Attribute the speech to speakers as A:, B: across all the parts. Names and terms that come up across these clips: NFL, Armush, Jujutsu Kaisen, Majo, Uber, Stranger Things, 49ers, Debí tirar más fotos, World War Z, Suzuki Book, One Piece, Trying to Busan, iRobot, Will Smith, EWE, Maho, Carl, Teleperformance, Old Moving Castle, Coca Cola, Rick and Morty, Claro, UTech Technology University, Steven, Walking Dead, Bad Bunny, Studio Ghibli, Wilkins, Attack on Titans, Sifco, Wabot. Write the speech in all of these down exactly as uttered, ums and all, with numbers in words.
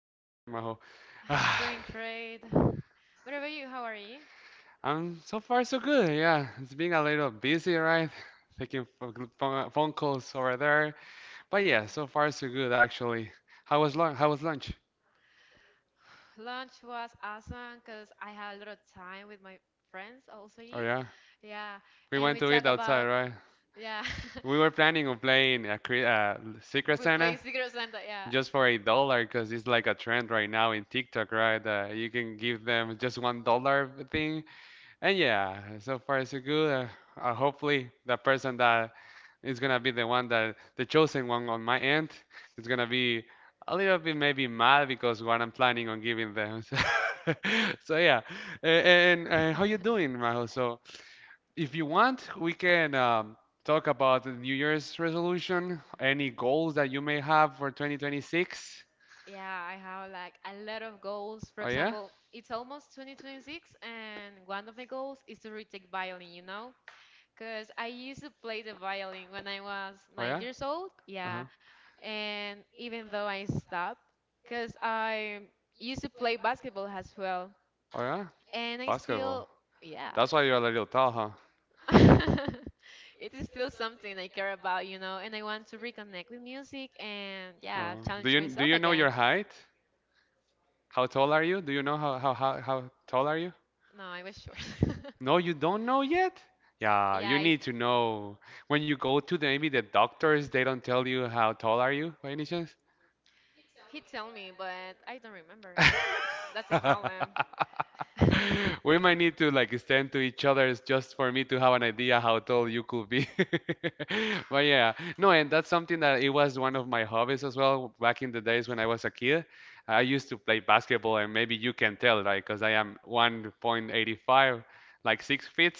A: How are you, Maho?
B: I'm
A: Ah,
B: doing great. What about you? How are you?
A: I'm so far so good. Yeah, it's been a little busy, right? Taking ph- gl- phone calls over there, but
B: Yeah.
A: yeah, so far so good actually. How was lunch? How was lunch?
B: Lunch was awesome because I had a lot of time with my friends, also
A: Oh
B: you.
A: yeah,
B: Yeah.
A: we
B: And
A: went
B: we
A: to eat
B: talk
A: outside,
B: about,
A: right?
B: yeah.
A: We were planning on playing a cri- uh, Secret
B: We
A: Santa
B: play Secret Santa, yeah.
A: just for a dollar because it's like a trend right now in TikTok, right? Uh, you can give them just one dollar thing. And yeah, so far so good. Uh, uh, hopefully, the person that is gonna be the one that the chosen one on my end is gonna be a little bit maybe mad because what I'm planning on giving them. So, so yeah, A- and, and uh how you doing, Majo? So if you want, we can um, talk about the New Year's resolution, any goals that you may have for twenty twenty-six.
B: Yeah, I have like a lot of goals. For
A: Oh yeah,
B: example, it's almost twenty twenty-six, and one of my goals is to retake violin, you know? Because I used to play the violin when I was
A: oh
B: nine
A: yeah,
B: years old.
A: uh huh,
B: Yeah. And even though I stopped, because I used to play basketball as well.
A: oh yeah,
B: And I
A: basketball.
B: still, yeah.
A: That's why you're a little tall, huh?
B: It is still something I care about, you know? And I want to reconnect with music and, yeah,
A: Oh. Do
B: challenge
A: you do
B: myself
A: you know
B: again.
A: your height? How tall are you? Do you know how how how, how tall are you?
B: No, I was sure.
A: No, you don't know yet? Yeah,
B: Yeah,
A: you
B: I,
A: need to know. When you go to the, maybe the doctors, they don't tell you how tall are you by any chance?
B: he told me, but I don't remember. That's the problem.
A: We might need to like stand to each other just for me to have an idea how tall you could be. But yeah, no, and that's something that it was one of my hobbies as well back in the days when I was a kid. I used to play basketball, and maybe you can tell, right? Because I am one point eight five, like six feet.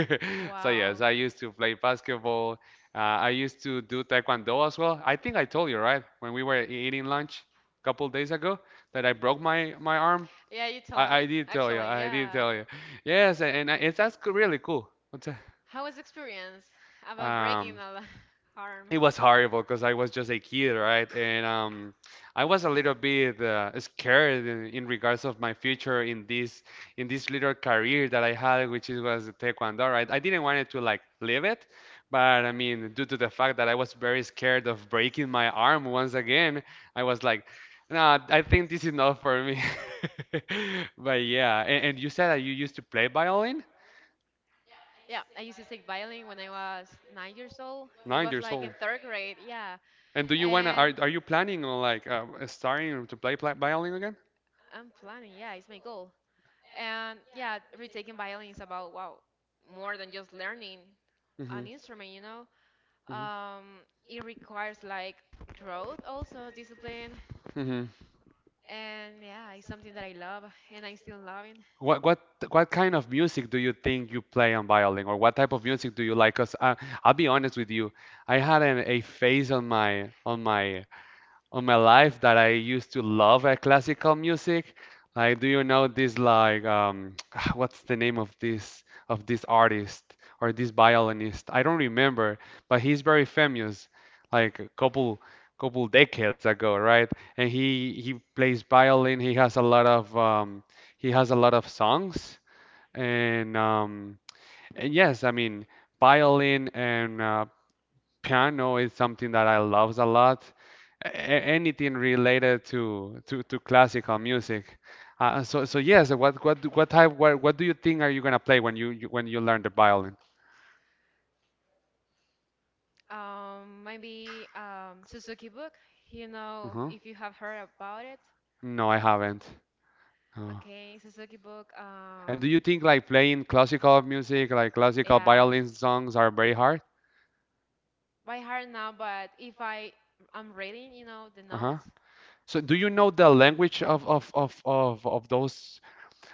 A: So yes,
B: Wow.
A: I used to play basketball. Uh, I used to do taekwondo as well. I think I told you, right? When we were eating lunch a couple days ago that I broke my my arm.
B: Yeah, you told
A: I, I
B: me.
A: did tell you.
B: Actually,
A: I did
B: yeah.
A: tell you. Yes, and, and it's that's co- really cool. What's that?
B: How was experience about breaking
A: Um,
B: a l-
A: it
B: arm?
A: was horrible because I was just a kid, right? And um, I was a little bit uh, scared in in regards of my future in this in this little career that I had, which is, was taekwondo, right? I didn't want it to like leave it, but I mean, due to the fact that I was very scared of breaking my arm once again, I was like, no, I think this is not for me. But yeah, and, and you said that you used to play violin?
B: Yeah, I used to take violin when I was nine years old. It was
A: Nine
B: like in
A: years old.
B: third grade, yeah.
A: And do you wanna
B: And
A: are are you planning on like uh, starting to play, pla violin again?
B: I'm planning, yeah, it's my goal. And yeah, retaking violin is about, wow, more than just learning
A: Mm
B: an
A: hmm
B: instrument, you know?
A: hmm
B: Um, it requires like growth also, discipline.
A: hmm.
B: And yeah, it's something that I love and I still love.
A: What what what kind of music do you think you play on violin, or what type of music do you like? Cause I, I'll be honest with you, I had an, a phase on my on my on my life that I used to love uh, classical music. Like, do you know this like um, what's the name of this of this artist or this violinist? I don't remember, but he's very famous, like a couple couple decades ago, right? And he he plays violin. He has a lot of um, he has a lot of songs and um, and yes, I mean violin and uh, piano is something that I love a lot. A- a- anything related to to, to classical music. Uh, so so yes, what what do- what type what, what do you think are you gonna play when you, you when you learn the violin?
B: Um, maybe um, Suzuki Book. You know,
A: Uh-huh.
B: if you have heard about it.
A: No, I haven't. No.
B: Okay, Suzuki Book.
A: And
B: Um,
A: do you think like playing classical music, like classical
B: yeah,
A: violin songs, are very hard?
B: by heart now, but if I I'm reading, you know, the
A: Uh-huh.
B: notes.
A: So do you know the language of of of of, of those?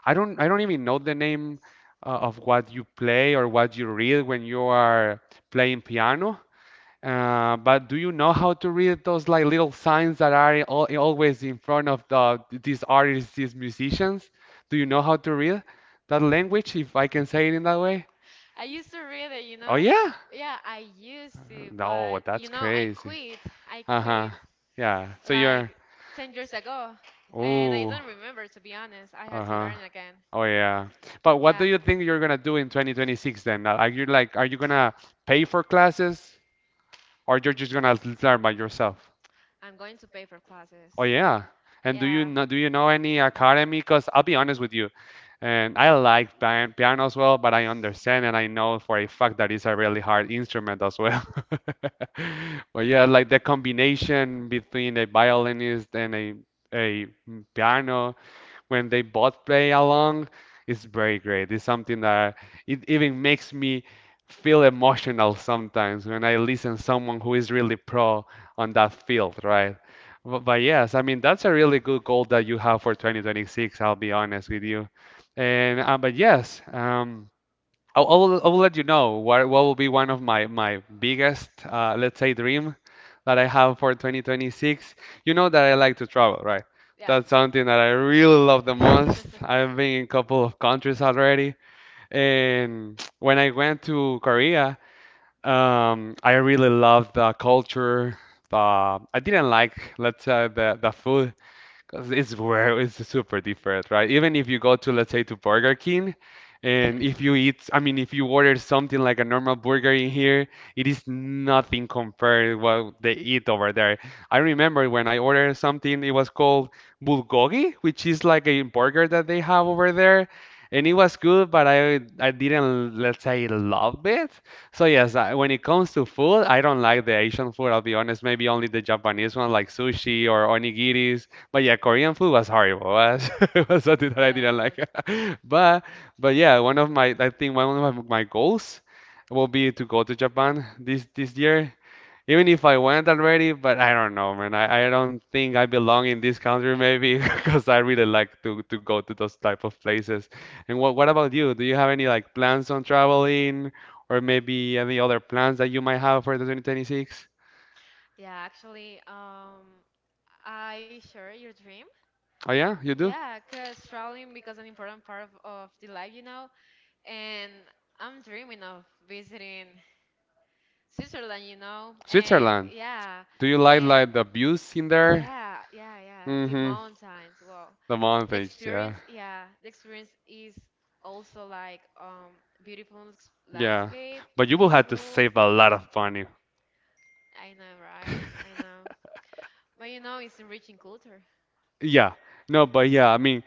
A: I don't I don't even know the name uh, of what you play or what you read when you are playing piano. Uh, but do you know how to read those like little signs that are al always in front of the these artists, these musicians? Do you know how to read that language, if I can say it in that way?
B: I used to read it, you
A: Oh
B: know.
A: yeah?
B: Yeah, I used to,
A: No,
B: but you
A: that's
B: know, I
A: crazy.
B: quit. I
A: Uh-huh.
B: quit
A: Yeah. So you're,
B: like ten years ago, and I
A: oh,
B: don't remember to be honest. I had to
A: uh-huh.
B: learn again.
A: Oh yeah. But what do
B: Yeah.
A: you think you're gonna do in twenty twenty-six then? Are you like, are you gonna pay for classes or you're just gonna learn by yourself?
B: I'm going to pay for classes.
A: Oh yeah. And do you
B: Yeah.
A: know, do you know any academy? Because I'll be honest with you, and I like pian piano as well, but I understand and I know for a fact that it's a really hard instrument as well. But yeah, like the combination between a violinist and a a piano when they both play along, it's very great. It's something that it even makes me feel emotional sometimes when I listen someone who is really pro on that field, right? But, but yes, I mean that's a really good goal that you have for twenty twenty-six, I'll be honest with you. And uh, but yes, um I'll, I'll, I'll let you know what, what will be one of my, my biggest, uh, let's say, dream that I have for twenty twenty-six. You know that I like to travel, right? That's something that I really love the
B: Yeah.
A: most. I've been in a couple of countries already. And when I went to Korea, um, I really loved the culture. The, I didn't like, let's say, the, the food because it's where it's super different, right? Even if you go to, let's say, to Burger King, and if you eat, I mean, if you order something like a normal burger in here, it is nothing compared what they eat over there. I remember when I ordered something, it was called bulgogi, which is like a burger that they have over there, and it was good, but I I didn't, let's say, love it. So yes, I, when it comes to food, I don't like the Asian food. I'll be honest, maybe only the Japanese one, like sushi or onigiris. But yeah, Korean food was horrible. Was it was something that I didn't like.
B: Yes.
A: But but yeah, one of my I think one of my, my goals will be to go to Japan this this year. Even if I went already, but I don't know, man. I, I don't think I belong in this country maybe because I really like to to go to those type of places. And what what about you? Do you have any like plans on traveling or maybe any other plans that you might have for the twenty twenty-six?
B: Yeah, actually, um, I share your dream.
A: Oh yeah, you do?
B: Yeah, 'cause traveling becomes an important part of, of the life, you know. And I'm dreaming of visiting Switzerland, you know. And
A: Switzerland.
B: yeah,
A: Do you like
B: and
A: like the views in there?
B: yeah, yeah, yeah. The
A: Hmm.
B: mountains. Wow.
A: The
B: The
A: montage,
B: experience,
A: yeah.
B: yeah, the experience is also like um beautiful ex-
A: Yeah.
B: landscape,
A: But you will have to
B: peaceful.
A: save a lot of money.
B: I know, right? I know. But you know, it's enriching culture.
A: Yeah, no, but yeah, I mean,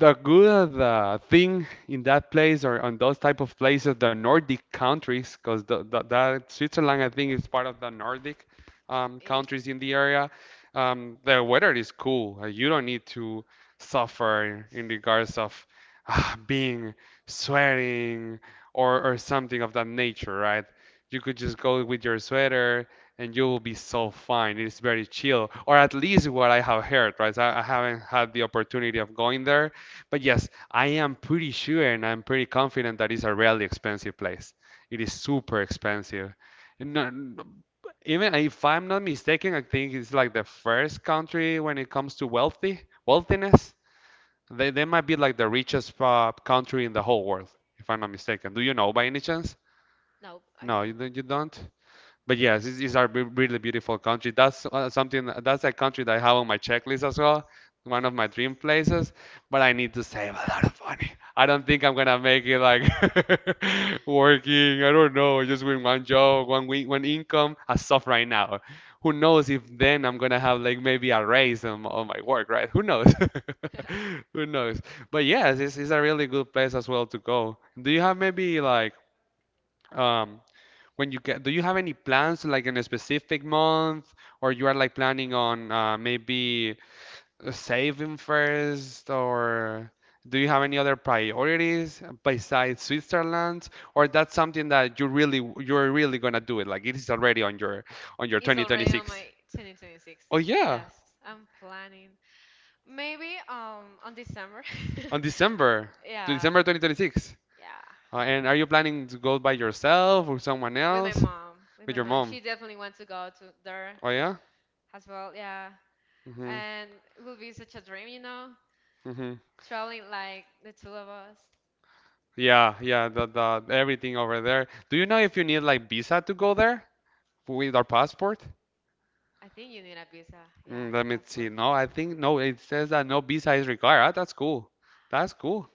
A: the good uh, thing in that place or on those type of places, the Nordic countries, because the, the, that Switzerland, I think, is part of the Nordic um,
B: It is.
A: countries in the area. Um, the weather is cool. Uh, you don't need to suffer in regards of ah, being sweating or or something of that nature, right? You could just go with your sweater, and you will be so fine. It's very chill, or at least what I have heard, right? So I, I haven't had the opportunity of going there, but yes, I am pretty sure and I'm pretty confident that it's a really expensive place. It is super expensive. No, even if I'm not mistaken, I think it's like the first country when it comes to wealthy wealthiness. They, they might be like the richest uh, country in the whole world, if I'm not mistaken. Do you know by any chance?
B: No, I
A: No, you,
B: don't.
A: don't- you don't? But yes, it's, it's a re- really beautiful country. That's uh, something that's a country that I have on my checklist as well. One of my dream places, but I need to save a lot of money. I don't think I'm gonna make it like working, I don't know, just with one job, one week, one income as of right now. Who knows if then I'm gonna have like maybe a raise on, on my work, right? Who knows? Who knows? But yes, it's, it's a really good place as well to go. Do you have maybe like um when you get, do you have any plans like in a specific month, or you are like planning on uh, maybe saving first, or do you have any other priorities besides Switzerland, or that's something that you really you're really gonna do it? Like it is already on your on your
B: It's already on
A: twenty twenty-six.
B: my twenty twenty-six.
A: Oh yeah,
B: Yes, I'm planning. Maybe um on December.
A: on December,
B: Yeah,
A: December twenty twenty-six.
B: yeah.
A: Uh, and are you planning to go by yourself or someone
B: With my
A: else
B: mom. With
A: with
B: my
A: your
B: mom,
A: mom?
B: she definitely wants to go to there
A: Oh yeah.
B: as well. Yeah,
A: Mm-hmm.
B: and it will be such a dream, you know,
A: Mm-hmm.
B: traveling like the two of us.
A: Yeah, yeah, the, the everything over there. Do you know if you need like visa to go there with our passport?
B: I think you need a visa. Yeah,
A: Mm, let me see.
B: passport.
A: No, I think no. It says that no visa is required. Ah, that's cool. That's cool.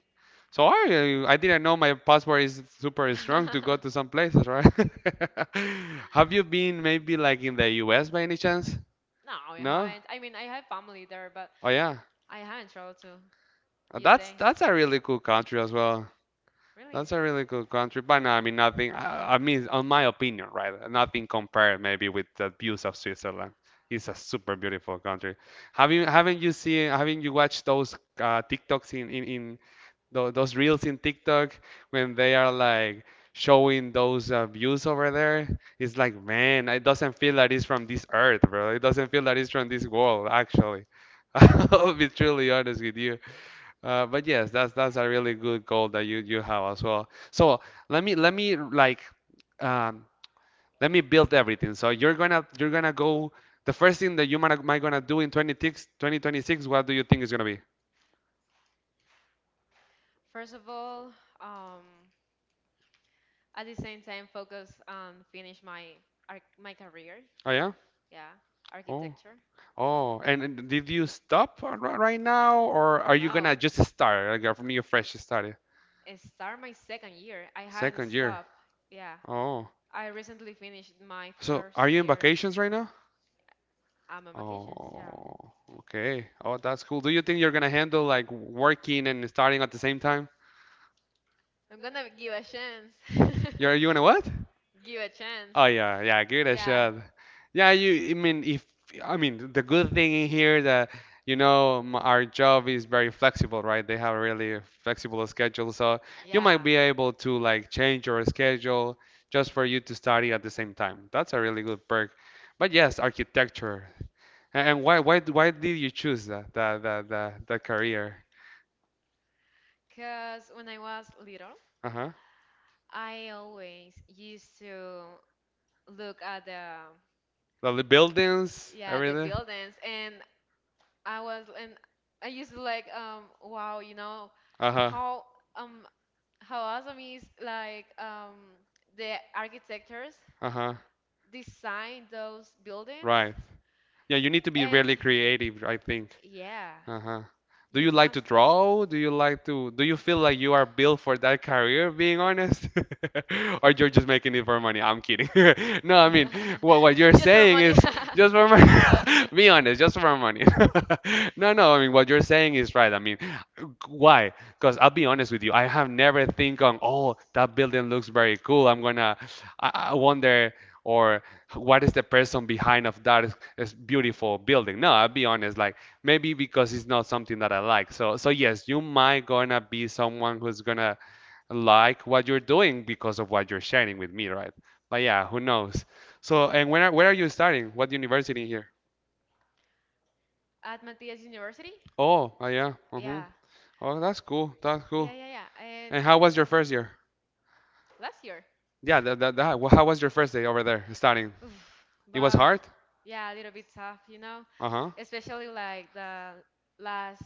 A: So I, I didn't know my passport is super strong to go to some places, right? Have you been maybe like in the U S by any chance?
B: No, I
A: No?
B: haven't. I mean, I have family there, but
A: Oh yeah.
B: I haven't traveled to
A: Uh, That's
B: U S A.
A: that's a really cool country as well.
B: Really?
A: That's a really good country, but no, I mean nothing. I, I mean, on my opinion, right? Nothing compared maybe with the views of Switzerland. It's a super beautiful country. Have you haven't you seen haven't you watched those uh, TikToks in in, in tho- those reels in TikTok when they are like showing those uh, views over there? It's like man, it doesn't feel that it's from this earth, bro. It doesn't feel that it's from this world, actually. I'll be truly honest with you. Uh, but yes, that's that's a really good goal that you you have as well. So let me let me like um, let me build everything. So you're gonna you're gonna go. The first thing that you might might gonna do in twenty-six, twenty twenty-six, what do you think is gonna be?
B: First of all, um, at the same time, focus on finish my arch my career.
A: Oh yeah.
B: Yeah,
A: Oh
B: architecture.
A: oh. And, and did you stop r- right now, or are you gonna
B: No,
A: just start like uh, from your fresh start?
B: I start my second year. I haven't
A: Second year.
B: stopped. Yeah,
A: Oh.
B: I recently finished my
A: So
B: first
A: are you in
B: year.
A: vacations right now?
B: I'm on vacations. Yeah,
A: Oh, okay. Oh, that's cool. Do you think you're gonna handle like working and starting at the same time?
B: I'm gonna give a chance.
A: You're you gonna what?
B: Give a chance.
A: Oh yeah, yeah, give it a
B: Yeah,
A: shot. Yeah, you. I mean, if I mean the good thing in here that you know m- our job is very flexible, right? They have a really flexible schedule, so you
B: yeah.
A: might be able to like change your schedule just for you to study at the same time. That's a really good perk. But yes, architecture. A- And why why why did you choose that that that that, that career?
B: Because when I was little,
A: Uh-huh.
B: I always used to look at the
A: The buildings,
B: yeah the
A: everything.
B: buildings and I was and I used to like um wow you know
A: Uh-huh.
B: how um how awesome is like um the architectures
A: Uh-huh.
B: design those buildings
A: Right. Yeah, you need to be
B: and
A: really creative, I think.
B: yeah
A: Uh-huh. Do
B: you
A: you like
B: must
A: to draw? Do you like to, do you feel like you are built for that career, being honest? Or you're just making it for money? I'm kidding. No, I mean, what what you're
B: Just for
A: saying
B: money.
A: is just for money.
B: Nah.
A: Be honest, just for money. No, no, I mean, what you're saying is right. I mean, why? Because I'll be honest with you, I have never think on, oh, that building looks very cool. I'm gonna, I, I wonder, or what is the person behind of that is, is beautiful building? No, I'll be honest, like maybe because it's not something that I like. So, so yes, you might gonna be someone who's gonna like what you're doing because of what you're sharing with me, right? But yeah, who knows? So, and when are, where are you studying? What university here?
B: At Matthias University?
A: Oh, oh yeah. Hmm.
B: Yeah.
A: Oh, that's cool. That's
B: Yeah,
A: cool.
B: yeah, yeah. And
A: And how was your first year?
B: last year.
A: Yeah, that, that, that. Well, how was your first day over there studying?
B: Oof.
A: It was
B: But
A: hard?
B: yeah, a little bit tough, you know,
A: Uh-huh.
B: especially like the last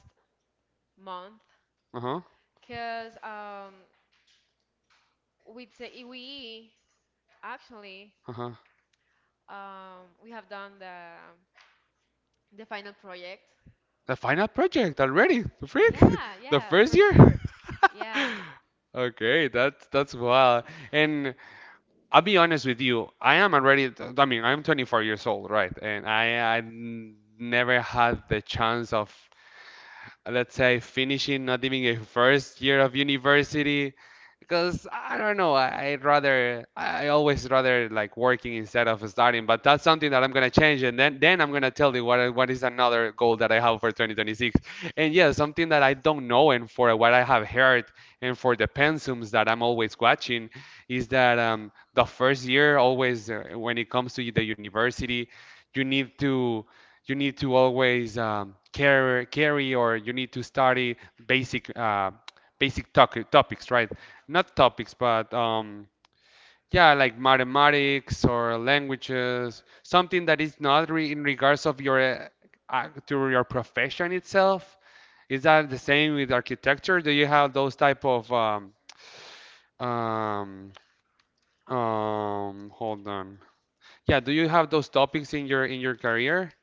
B: month
A: Uh-huh.
B: because um with the E W E actually
A: Uh-huh.
B: um we have done the the final project.
A: The final project already. The freak.
B: Yeah,
A: The
B: yeah, for
A: first year.
B: sure. Yeah.
A: Okay, that's that's wild. And I'll be honest with you, I am already, I mean, I'm twenty-four years old, right? And I I n- never had the chance of uh, let's say finishing not even a first year of university because I don't know I, I'd rather I I always rather like working instead of studying but that's something that I'm gonna change and then then I'm gonna tell you what I- what is another goal that I have for twenty twenty-six and yeah something that I don't know and for what I have heard and for the pensums that I'm always watching is that um, the first year always uh, when it comes to the university you need to you need to always um, carry, carry or you need to study basic uh, basic toc- topics, right? Not topics, but um, yeah, like mathematics or languages, something that is not re- in regards of your uh, uh, to your profession itself. Is that the same with architecture? Do you have those type of um, um, um, hold on. Yeah, do you have those topics in your in your career?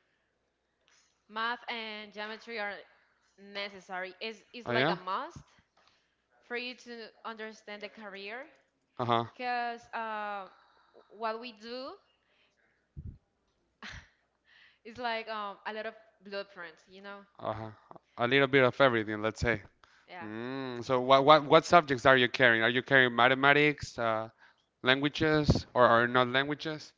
B: Math and geometry are necessary. Is is
A: Oh
B: like a
A: yeah?
B: must for you to understand the career
A: Uh-huh.
B: because uh, what we do is like um, a lot of blueprints, you know?
A: Uh, a little bit of everything, let's say.
B: Yeah.
A: Mm, so what what what subjects are you carrying? Are you carrying mathematics, uh, languages, or, or not languages?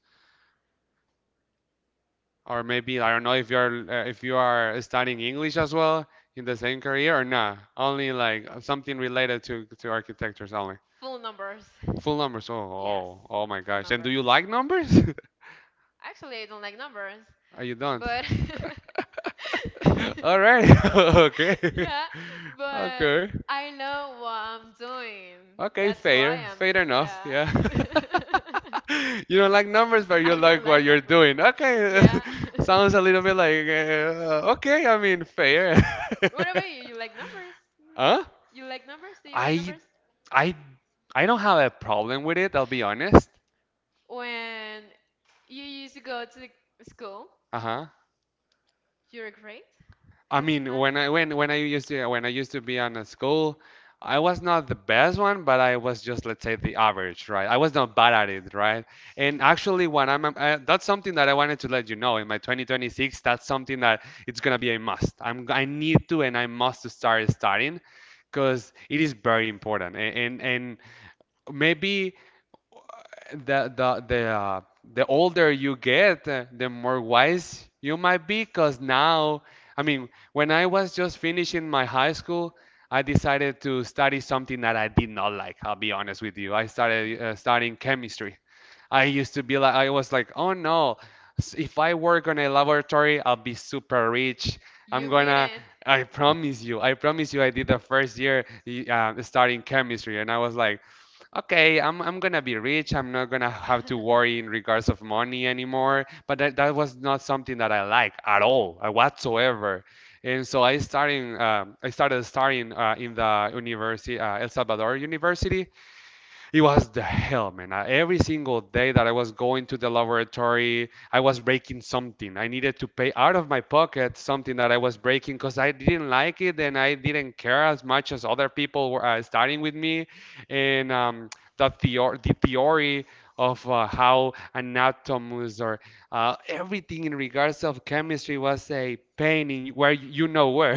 A: Or maybe I don't know if you're uh, if you are studying English as well in the same career or not. Only like something related to to architectures only.
B: Full numbers.
A: Full numbers. Oh
B: Yes,
A: oh oh my
B: full
A: gosh. And
B: numbers.
A: do you like numbers?
B: Actually, I don't like numbers,
A: Or you don't?
B: but
A: All right. Okay.
B: yeah, but
A: Okay.
B: I know what I'm doing.
A: Okay,
B: That's why
A: fair,
B: I'm
A: fair enough.
B: yeah.
A: Yeah. You don't like numbers, but you
B: I don't
A: like
B: like
A: what you're
B: numbers.
A: doing. Okay,
B: Yeah.
A: sounds a little bit like uh, okay. I mean, fair.
B: What about you? You like numbers?
A: Huh?
B: You like numbers? Do you like
A: I
B: numbers?
A: I I don't have a problem with it. I'll be honest.
B: When you used to go to the school,
A: Uh-huh.
B: you're great.
A: I mean,
B: Además,
A: when I when when I used to when I used to be on a school, I was not the best one, but I was just let's say the average, right? I was not bad at it, right? And actually, when I'm uh, that's something that I wanted to let you know in my twenty twenty-six, that's something that it's gonna be a must. I'm I need to and I must to start studying, because it is very important. And and, and maybe the the the uh, the older you get, uh, the more wise you might be. Cause now, I mean, when I was just finishing my high school, I decided to study something that I did not like. I'll be honest with you. I started uh, studying chemistry. I used to be like, I was like, oh no, s- if I work on a laboratory, I'll be super rich.
B: you
A: I'm
B: mean
A: gonna, I
B: it.
A: promise you, I promise you, I did the first year y- uh, studying chemistry, and I was like, okay, I'm, I'm gonna be rich. I'm not gonna have to worry in regards of money anymore. But that, that was not something that I like at all, uh, whatsoever. And so I starting, um I started studying uh, in the university, uh, El Salvador University it was the hell, man. I- Every single day that I was going to the laboratory, I was breaking something. I needed to pay out of my pocket something that I was breaking because I didn't like it and I didn't care as much as other people were uh, starting with me. And um, the, theor- the theory of uh, how anatoms or uh, everything in regards of chemistry was a pain in where you know where.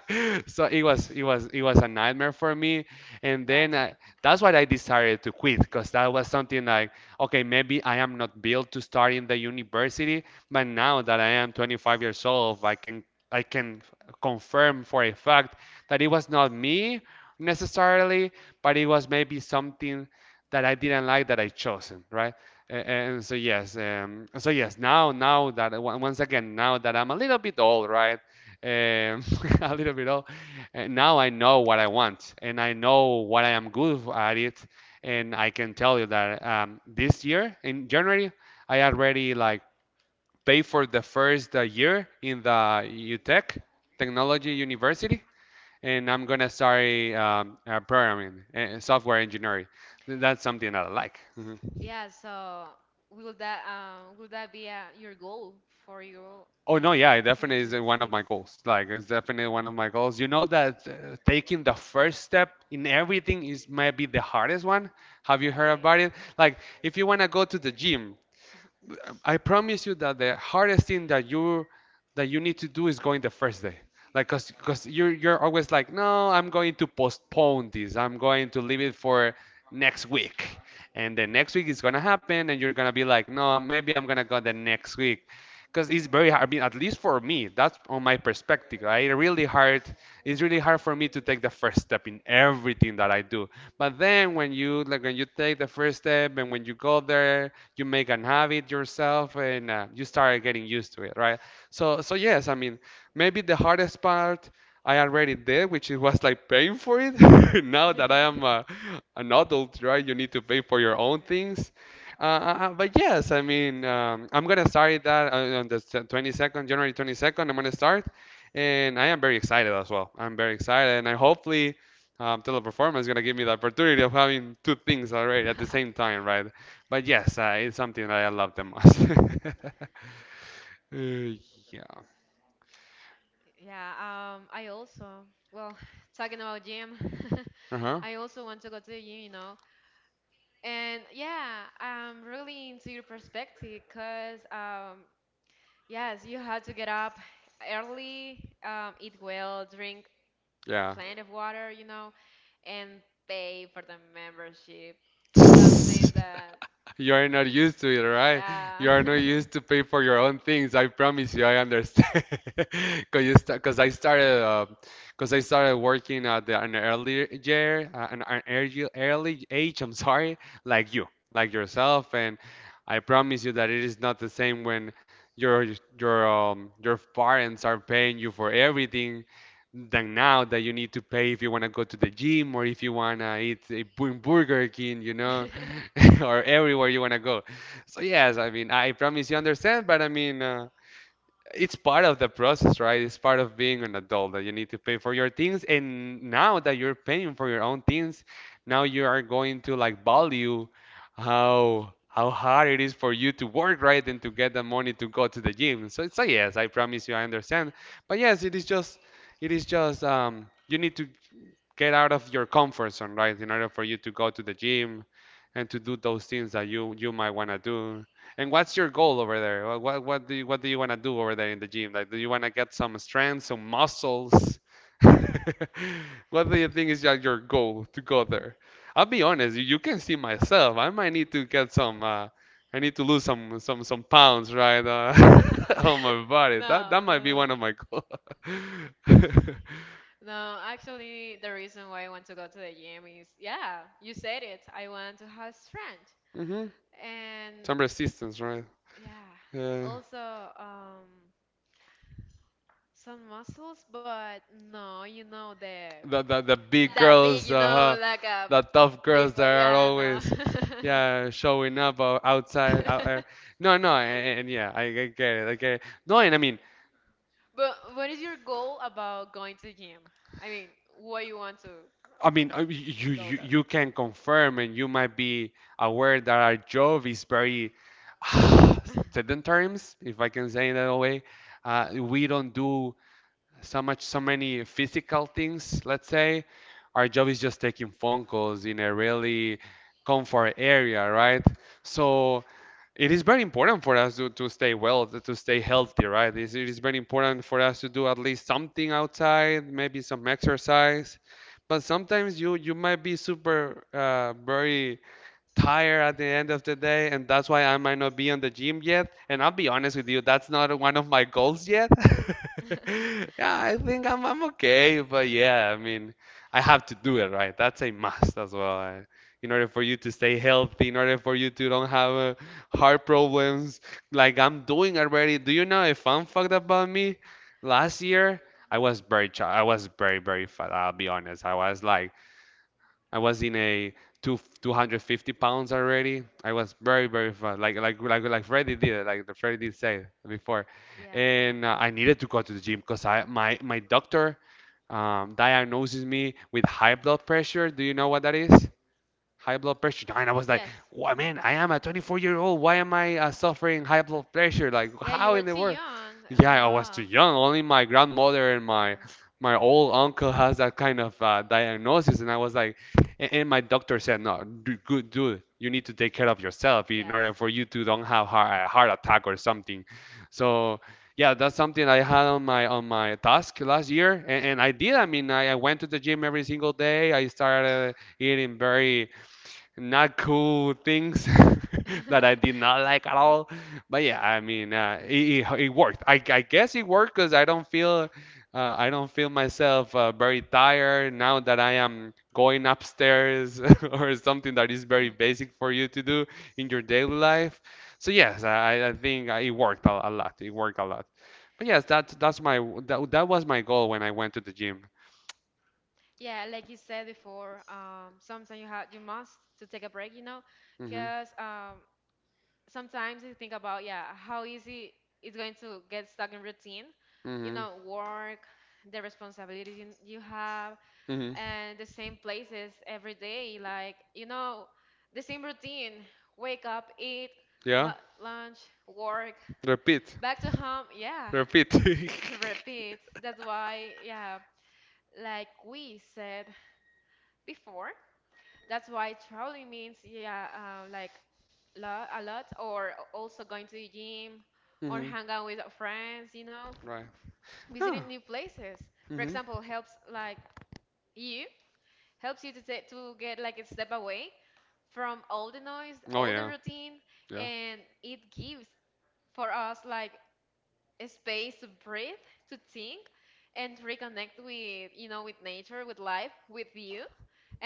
A: So it was it was it was a nightmare for me. And then
B: Gotcha.
A: uh, that's why I decided to quit because that was something like, okay, maybe I am not built to start in the university, but now that I am twenty-five years old, I can I can confirm for a fact that it was not me necessarily, but it was maybe something that I didn't like that I chosen, right? A- And so yes, um, so yes. Now, now that on- once again, now that I'm a little bit old, right? Um, a little bit old. And now I know what I want and I know what I am good at it. And I can tell you that um, this year in January, I already like pay for the first uh, year in the UTech Technology University. And I'm gonna start um, uh, programming, uh, software engineering. That's something that I like.
B: Yeah, so will that um will that be uh, your goal for you
A: Oh no, yeah,
B: in
A: it definitely is uh, one of
B: two thousand twenty-six?
A: my goals. Like it's definitely one of my goals. You know that uh, taking the first step in everything is maybe the hardest one. Have you heard
B: Okay.
A: about it? Like if you want to go to the gym, I promise you that the hardest thing that you that you need to do is going the first day. Like, cause cause you 'cause you're you're always like, no, I'm going to postpone this. I'm going to leave it for next week, and the next week is gonna happen, and you're gonna be like, no, maybe I'm gonna go the next week, because it's very hard. I mean, at least for me, that's on my perspective. Right? Really hard. It's really hard for me to take the first step in everything that I do. But then when you like when you take the first step and when you go there you make an habit yourself and uh, you start getting used to it, right? So, so yes, I mean, maybe the hardest part I already did, which it was like paying for it. Now that I am uh, an adult, right? You need to pay for your own things. Uh, uh, uh, but yes, I mean, um, I'm gonna start that uh, on the twenty-second, January twenty-second. I'm gonna start, and I am very excited as well. I'm very excited, and I hopefully um, Teleperformance is gonna give me the opportunity of having two things already at the same time, right? But yes, uh, it's something that I love the most. Uh, yeah.
B: Yeah, um, I also, well, talking about gym,
A: Uh-huh.
B: I also want to go to the gym, you know. And yeah, I'm really into your perspective because, um, yes, you have to get up early, um, eat well, drink
A: Yeah.
B: plenty of water, you know, and pay for the membership. Something that
A: You are not used to it, right? You
B: yeah.
A: are not used to pay for your own things. I promise you, I understand. Cause you sta- cause I started, uh, cause I started working at the, an early year, uh, an, an early early age. I'm sorry, like you, like yourself, and I promise you that it is not the same when your your um your parents are paying you for everything than now that you need to pay if you want to go to the gym or if you want to eat a bu- Burger King, you know,
B: No,
A: or everywhere you want to go. So yes, I mean, I promise you understand, but I mean, uh, it's part of the process, right? It's part of being an adult that you need to pay for your things. And now that you're paying for your own things, now you are going to like value how how hard it is for you to work, right? And to get the money to go to the gym. So it's a yes, I promise you, I understand. But yes, it is just it is just um you need to get out of your comfort zone, right? In order for you to go to the gym and to do those things that you you might want to do. And what's your goal over there? Wha- What what do you, what do you want to do over there in the gym? Like, do you want to get some strength, some muscles? What do you think is like your goal to go there? I'll be honest, you you can see myself. I might need to get some. Uh, I need to lose some some some pounds, right? Uh, on my body. That that
B: no,
A: might be one
B: no,
A: of my goals.
B: no, actually the reason why I want to go to the gym is yeah you said it. I want to have strength
A: hmm Some
B: and
A: resistance, right?
B: yeah
A: Yeah.
B: also um some muscles, but no, you know the
A: The, the, the big
B: that big,
A: girls,
B: you
A: uh,
B: know,
A: huh.
B: like a
A: the tough girls
B: big
A: that
B: boy.
A: are
B: Yeah, no.
A: always, yeah, showing up uh, outside. Out, uh, no, no, and, and yeah, I, I get it, I get it. No, and I mean,
B: But what is your goal about going to gym? I mean, what you want to
A: I mean, uh, you,
B: go
A: you
B: there?
A: you can confirm, and you might be aware that our job is very sedentaries, if I can say it that way. Uh, we don't do so much so many physical things. Let's say our job is just taking phone calls in a really comfort area, right? So it is very important for us to, to stay well, to to stay healthy, right? It's- it is very important for us to do at least something outside, maybe some exercise, but sometimes you you might be super uh, very tired at the end of the day, and that's why I might not be on the gym yet. And I'll be honest with you, that's not one of my goals yet. Yeah, I think I'm I'm okay, but yeah, I mean, I have to do it, right? That's a must as well. I, in order for you to stay healthy, in order for you to don't have uh, heart problems, like I'm doing already. Do you know a fun fact about me? Last year, I was very ch I was very very fat. I'll be honest. I was like I was in a two 250 pounds already. I was very, very fat, like like like like Freddie did, like the Freddie did say before.
B: Yeah, uh-huh.
A: And uh, I needed to go to the gym because I my my doctor um, diagnoses me with high blood pressure. Do you know what that is? High blood pressure. And I was like,
B: Yes.
A: why,
B: Hmm.
A: man, I am a twenty-four year old. Why am I uh, suffering high blood pressure? Like,
B: Yeah, you
A: how in
B: were
A: the
B: too
A: world?
B: young.
A: Yeah, I was too
B: Uh-huh.
A: young. Only my grandmother and my
B: Yes.
A: my old uncle has that kind of uh, diagnosis. And I was like, and, and my doctor said, no, du- good dude, you need to take care of yourself in
B: Yes.
A: order for you to don't have heart, a heart attack or something. So yeah, that's something I had on my on my task last year, and, and I did. I mean, I, I went to the gym every single day. I started eating very not cool things that I did not like at all. But yeah, I mean, uh, it, it, it worked. I, I guess it worked because I don't feel uh, I don't feel myself uh, very tired now that I am going upstairs or something that is very
B: Hmm.
A: basic for you to do in your daily life. So yes, I, I think uh, it worked a, a lot. It worked a lot. But yes, that's that's my that, that was my goal when I went to the gym.
B: Yeah, like you said before, um, sometimes you have you must to take a break, you know,
A: hmm
B: because um, sometimes you think about yeah how easy it's going to get stuck in routine, you
A: hmm
B: know, work, the responsibilities you, you have,
A: hmm
B: and the same places every day, like you know, the same routine: wake up, eat,
A: Yeah.
B: lu lunch, work,
A: Repeat.
B: back to home. Yeah,
A: Repeat.
B: repeat. That's why yeah, like we said before. That's why traveling means, yeah, uh, like lo a lot, or also going to the gym, or
A: Hmm.
B: hang out with friends, you know,
A: Right. Ah.
B: visiting new places. For
A: Hmm.
B: example, helps like you helps you to ta- to get like a step away from all the noise,
A: Oh
B: all the
A: yeah.
B: routine,
A: Yeah.
B: and it gives for us like a space to breathe, to think, and reconnect with you know with nature, with life, with you.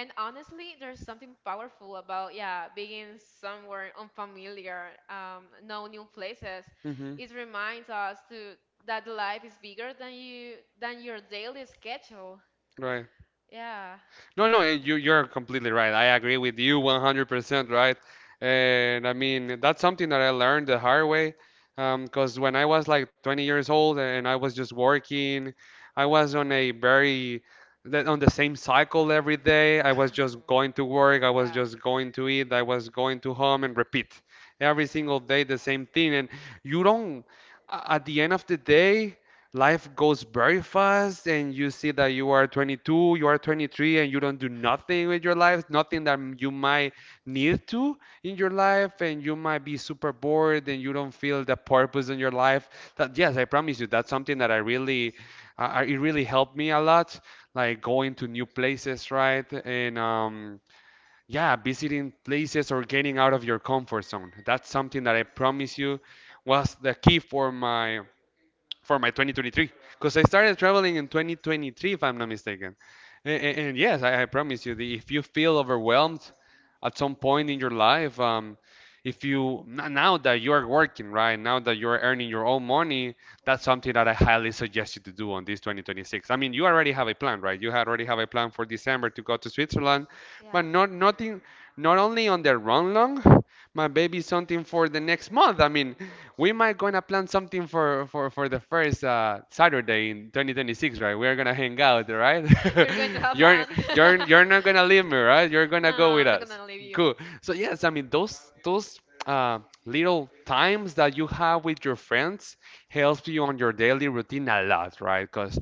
B: And honestly, there's something powerful about, yeah, being somewhere unfamiliar, um, no new places.
A: Hmm.
B: It reminds us to that life is bigger than you than your daily schedule.
A: Right.
B: Yeah.
A: No, no, eh, you you're completely right. I agree with you one hundred percent, right? And I mean, that's something that I learned the hard way, um, 'cause when I was like twenty years old and I was just working, I was on a very the- on the same cycle every day. I was
B: Mhm.
A: just going to work, I was
B: Yeah.
A: just going to eat, I was going to home and repeat every single day the same thing. And you don't a- at the end of the day, life goes very fast and you see that you are twenty-two, you are twenty-three and you don't do nothing with your life, nothing that you might need to in your life, and you might be super bored and you don't feel the purpose in your life. That yes, I promise you that's something that I really uh, it really helped me a lot, like going to new places, right? And um yeah, visiting places or getting out of your comfort zone. That's something that I promise you was the key for my for my twenty twenty-three, because I started traveling in twenty twenty-three if I'm not mistaken. And, and yes, I, I promise you, the, if you feel overwhelmed at some point in your life, um, if you n- now that you are working, right, now that you are earning your own money, that's something that I highly suggest you to do on this twenty twenty-six. I mean, you already have a plan, right? You had already have a plan for December to go to Switzerland, but
B: Yeah.
A: not nothing, not only on the run long, my baby something for the next month. I mean, we might gonna plan something for for for the first uh, Saturday in twenty twenty-six, right? We are gonna hang out, right?
B: We're going to have
A: You're
B: fun.
A: you're you're not gonna leave me, right? You're gonna
B: No,
A: go with
B: I'm not
A: us.
B: gonna leave you.
A: Cool. So yes, I mean those those uh, little times that you have with your friends helps you on your daily routine a lot, right? Because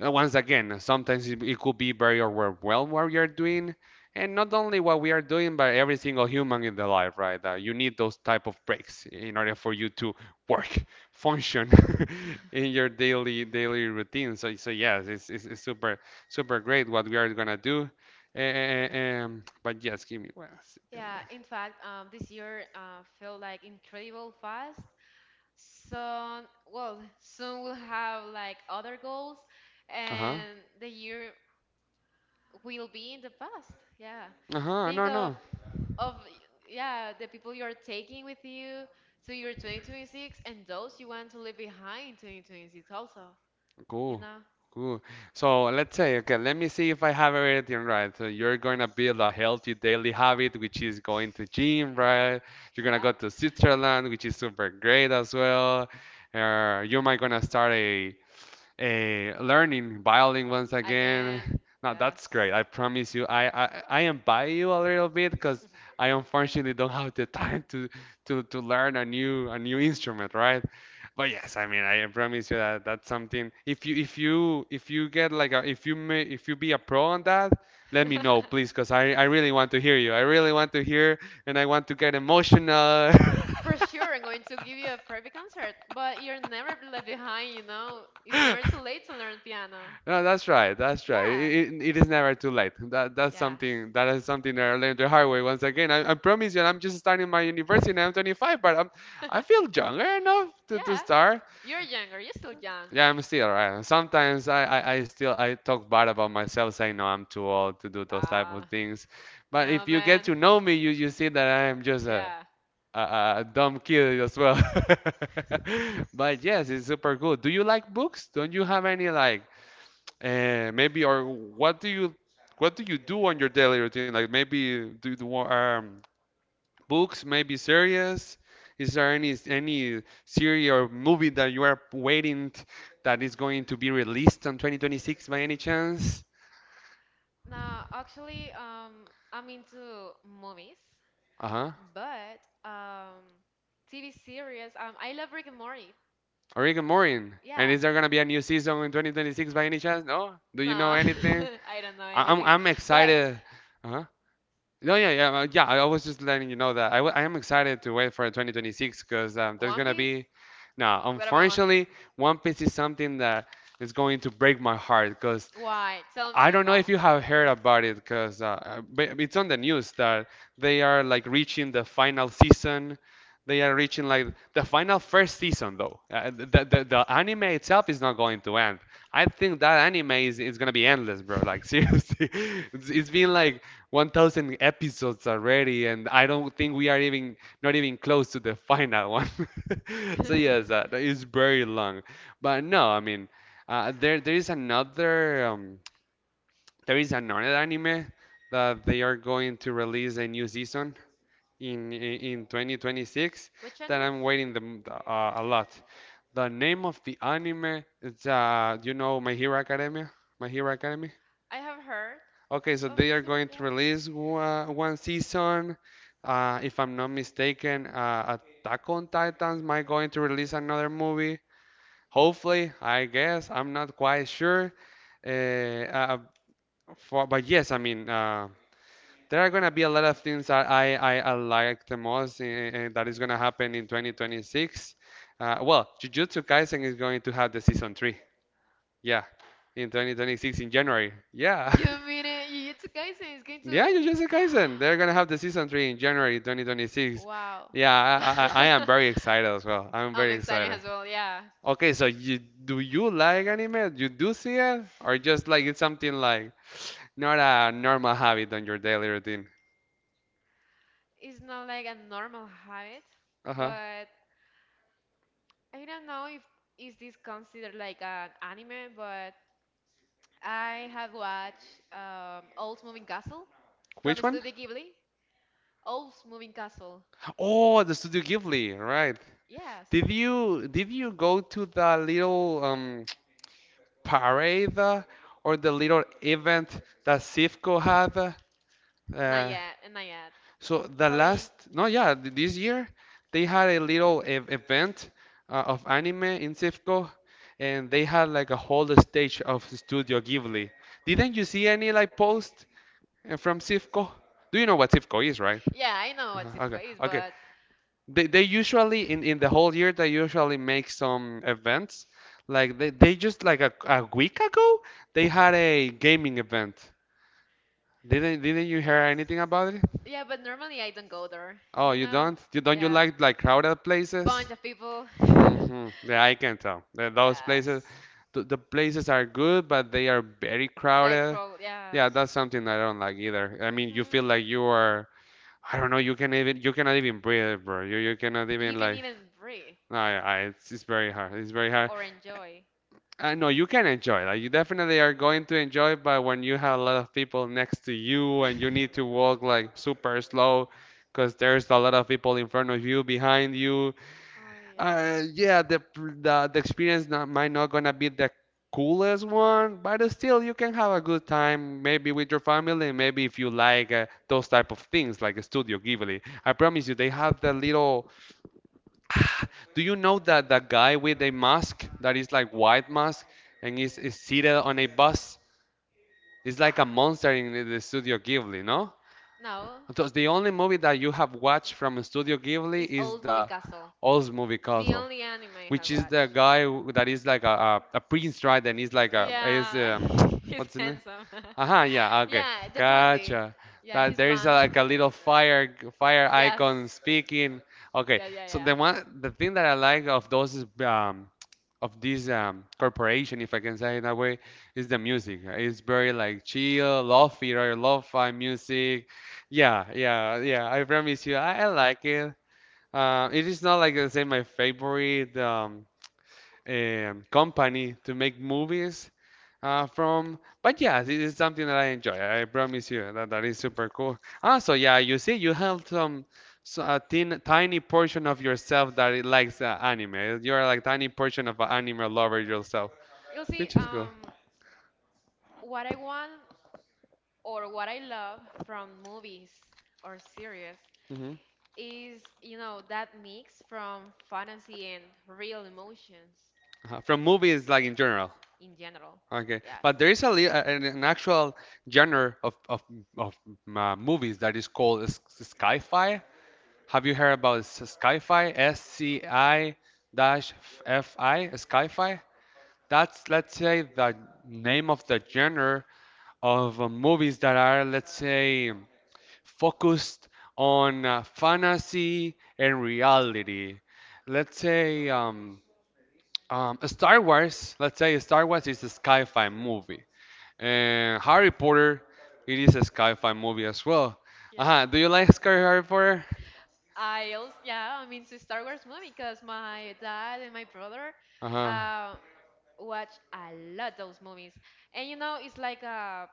A: once again, sometimes it, it could be very overwhelmed what you're doing, and not only what we are doing, but every single human in the life, right? That you need those type of breaks in order for you to work function in your daily daily routine. So so yes, it's it's, it's super super great what we are gonna do. Eh, eh, eh, Um, but yes, give me one second.
B: Yeah, in fact, um, this year uh, felt like incredible fast. So, well, soon we'll have like other goals,
A: Uh-huh.
B: and the year will be in the past. Yeah,
A: Uh-huh.
B: think
A: No,
B: of
A: no.
B: of yeah the people you're taking with you to your twenty twenty-six and those you want to leave behind twenty twenty-six also. You
A: Cool.
B: know?
A: Cool. So let's say, okay, let me see if I have everything right. So you're gonna build a healthy daily habit, which is going to gym, right? You're gonna go to Switzerland, which is super great as
B: Yeah.
A: well. Uh, you might gonna start a eh, learning violin once again.
B: Again,
A: Now
B: yes.
A: that's great. I promise you, I I, I invite you a little bit because I unfortunately don't have the time to to to learn a new a new instrument, right? But yes, I mean, I promise you that that's something. If you if you if you get like a if you may, if you be a pro on that, let me know, please, because I I really want to hear you. I really want to hear, and I want to get emotional.
B: For sure, I'm going to give you a private concert, but you're never left behind, you know? It's never too late to learn piano.
A: No, that's right. That's right. It,
B: Yeah,
A: it, it is never too late. That that's
B: yes.
A: something that is something that I learned the hard way. Once again, I, I promise you, I'm just starting my university and I'm twenty-five, but I'm I feel younger enough to, to
B: Yeah,
A: start.
B: you're younger. You're still young.
A: Yeah, I'm still right. Sometimes I, I, I still I talk bad about myself, saying no, I'm too old to do those type
B: Nah,
A: of things. But
B: no,
A: if you get
B: man.
A: to know me, you you see that I am just a
B: Yeah.
A: a, a dumb kid as well. But yes, it's super cool. Do you like books? Don't you have any like uh, maybe or what do you what do you do on your daily routine? Like maybe do the um, books, maybe series. Is there any any series or movie that you are waiting t- that is going to be released on twenty twenty-six by any chance?
B: No, actually, um, I'm into movies,
A: Uh-huh.
B: but um, T V series. Um, I love Rick and Morty.
A: Oregon Morning. And
B: Yeah.
A: is there gonna be a new season in twenty twenty-six by any chance? No? Do
B: No,
A: you know anything?
B: I don't know
A: I- I'm
B: anything.
A: I'm
B: But
A: excited. Uh-huh. No, yeah, yeah, uh, yeah. I was just letting you know that I, w- I am excited to wait for twenty twenty-six because um, there's
B: One
A: gonna
B: Piece?
A: be, now
B: What about One Piece?
A: unfortunately, One Piece is something that is going to break my heart because
B: Why? Tell me
A: I don't know if
B: about
A: you have heard
B: it.
A: about it because uh, uh, but it's on the news that they are like reaching the final season. They are reaching like the final first season though. Uh, the, the the anime itself is not going to end. I think that anime is, is gonna be endless, bro. Like seriously, it's, it's been like one thousand episodes already, and I don't think we are even not even close to the final one. So yes, uh, it's very long. But no, I mean, uh, there there is another. Um, there is another anime that they are going to release a new season in in twenty twenty-six
B: Which
A: that
B: anime?
A: I'm waiting them uh, a lot. The name of the anime is uh, you know My Hero Academia? My Hero Academy?
B: I have heard
A: Okay, so
B: of
A: they
B: the
A: are
B: series,
A: going to
B: yeah.
A: release one, one season. Uh, if I'm not mistaken, uh, Attack on Titans might going to release another movie. Hopefully, I guess I'm not quite sure. Uh, uh, for, but yes, I mean, uh, there are gonna be a lot of things that I, I, I like the most and that is gonna happen in twenty twenty-six. Uh, well, Jujutsu Kaisen is going to have the season three. Yeah, in two thousand twenty-six in January. Yeah.
B: You mean it? Yujutsu Kaisen is going to.
A: Yeah, Jujutsu Kaisen. They're gonna have the season three in January twenty twenty-six.
B: Wow.
A: Yeah, I, I, I I am very excited as well. I'm
B: I'm
A: very
B: excited
A: excited.
B: as well, yeah.
A: Okay, so you do you like anime? You do see it, or just like it's something like not a normal habit on your daily routine?
B: It's not like a normal habit,
A: Uh-huh.
B: but I don't know if is this considered like an anime, but I have watched um, Old Moving Castle from
A: Which one?
B: Studio Ghibli. Old Moving Castle.
A: Oh, the Studio Ghibli, right.
B: Yes.
A: Did you did you go to the little um parade uh, or the little event that Sifco had?
B: Not
A: Uh,
B: yet, and not yet.
A: so the
B: How are you?
A: last, no, yeah, th- This year they had a little ev event uh, of anime in Sifco, and they had like a whole stage of Studio Ghibli. Didn't you see any like post uh, from Sifco? Do you know what Sifco is, right?
B: Yeah, I know what
A: Uh-huh. Okay,
B: Sifka is,
A: okay.
B: but
A: They they usually in in the whole year they usually make some events. Like they, they just like a, a week ago they had a gaming event. Didn't didn't you hear anything about it?
B: yeah, but normally I don't go there,
A: Oh,
B: you
A: you
B: know?
A: don't? You don't you
B: Yeah.
A: like like crowded places?
B: Bunch of people.
A: Mm-hmm. Yeah, I can tell. Th- Those places,
B: Yes.
A: the, the places are good, but they are very
B: They
A: crowded.
B: crawl,
A: Yeah, that's
B: yes.
A: something I don't like either. I mean, you
B: Hmm.
A: feel like you are, I don't know, you can even you cannot even breathe, bro. You you cannot
B: You
A: even
B: can
A: like,
B: even breathe
A: no, yeah, I, it's it's very hard. It's very hard.
B: or enjoy.
A: I know you can enjoy. Like you definitely are going to enjoy, but when you have a lot of people next to you and you need to walk like super slow, because there's a lot of people in front of you, behind you.
B: Oh yeah.
A: Uh, yeah, the the, the experience not, might not gonna be the coolest one, but still you can have a good time. Maybe with your family, and maybe if you like uh, those type of things, like Studio Ghibli. I promise you, they have the little Ah, do you know that that guy with a mask that is like white mask and is, is seated on a bus? It's like a monster in the, the Studio Ghibli, no?
B: No,
A: Because the only movie that you have watched from Studio Ghibli
B: it's
A: is
B: Old Moving
A: the
B: Castle.
A: Oz movie
B: The
A: Castle,
B: only anime I have
A: which is the
B: watched.
A: guy who- that is like a, a, a prince, right? And he's like a is
B: Yeah,
A: um
B: he's
A: what's the name?
B: handsome.
A: Uh-huh, yeah, okay.
B: Yeah, the blondie.
A: Gotcha.
B: Yeah,
A: That
B: he's
A: there is a,
B: blonde.
A: like a little fire fire
B: Yes.
A: icon speaking. Okay.
B: Yeah, yeah,
A: So
B: yeah.
A: the one the thing that I like of those is um of this um corporation, if I can say it that way, is the music. It's very like chill, lo-fi or lo-fi music. Yeah, yeah, yeah. I promise you, I, I like it. Uh, it is not like I say my favorite um um, company to make movies uh, from. But yeah, this is something that I enjoy. I promise you that that is super cool. Also, yeah, you see, you have some so a thin, tiny portion of yourself that it likes uh, anime. You are like tiny portion of an anime lover yourself,
B: You'll see,
A: which is cool.
B: um, what I want or what I love from movies or series
A: Hmm.
B: is, you know, that mix from fantasy and real emotions.
A: Uh-huh. From movies, like in general.
B: In general.
A: Okay,
B: Yes.
A: but there is a, li- a- an an actual genre of of, of uh, movies that is called s- s- sci-fi. Have you heard about SciFi? S- SkyFi? S C I dash F I? SkyFi? That's, let's say, the name of the genre of uh, movies that are, let's say, focused on uh, fantasy and reality. Let's say, um, um, Star Wars, let's say Star Wars is a sci-fi movie. And Harry Potter, it is a sci-fi movie as well.
B: Yes.
A: Uh-huh. Do you like Sky Harry Potter?
B: I also yeah, I'm into Star Wars movie because my dad and my brother
A: Uh-huh.
B: uh, watch a lot those movies, and you know it's like a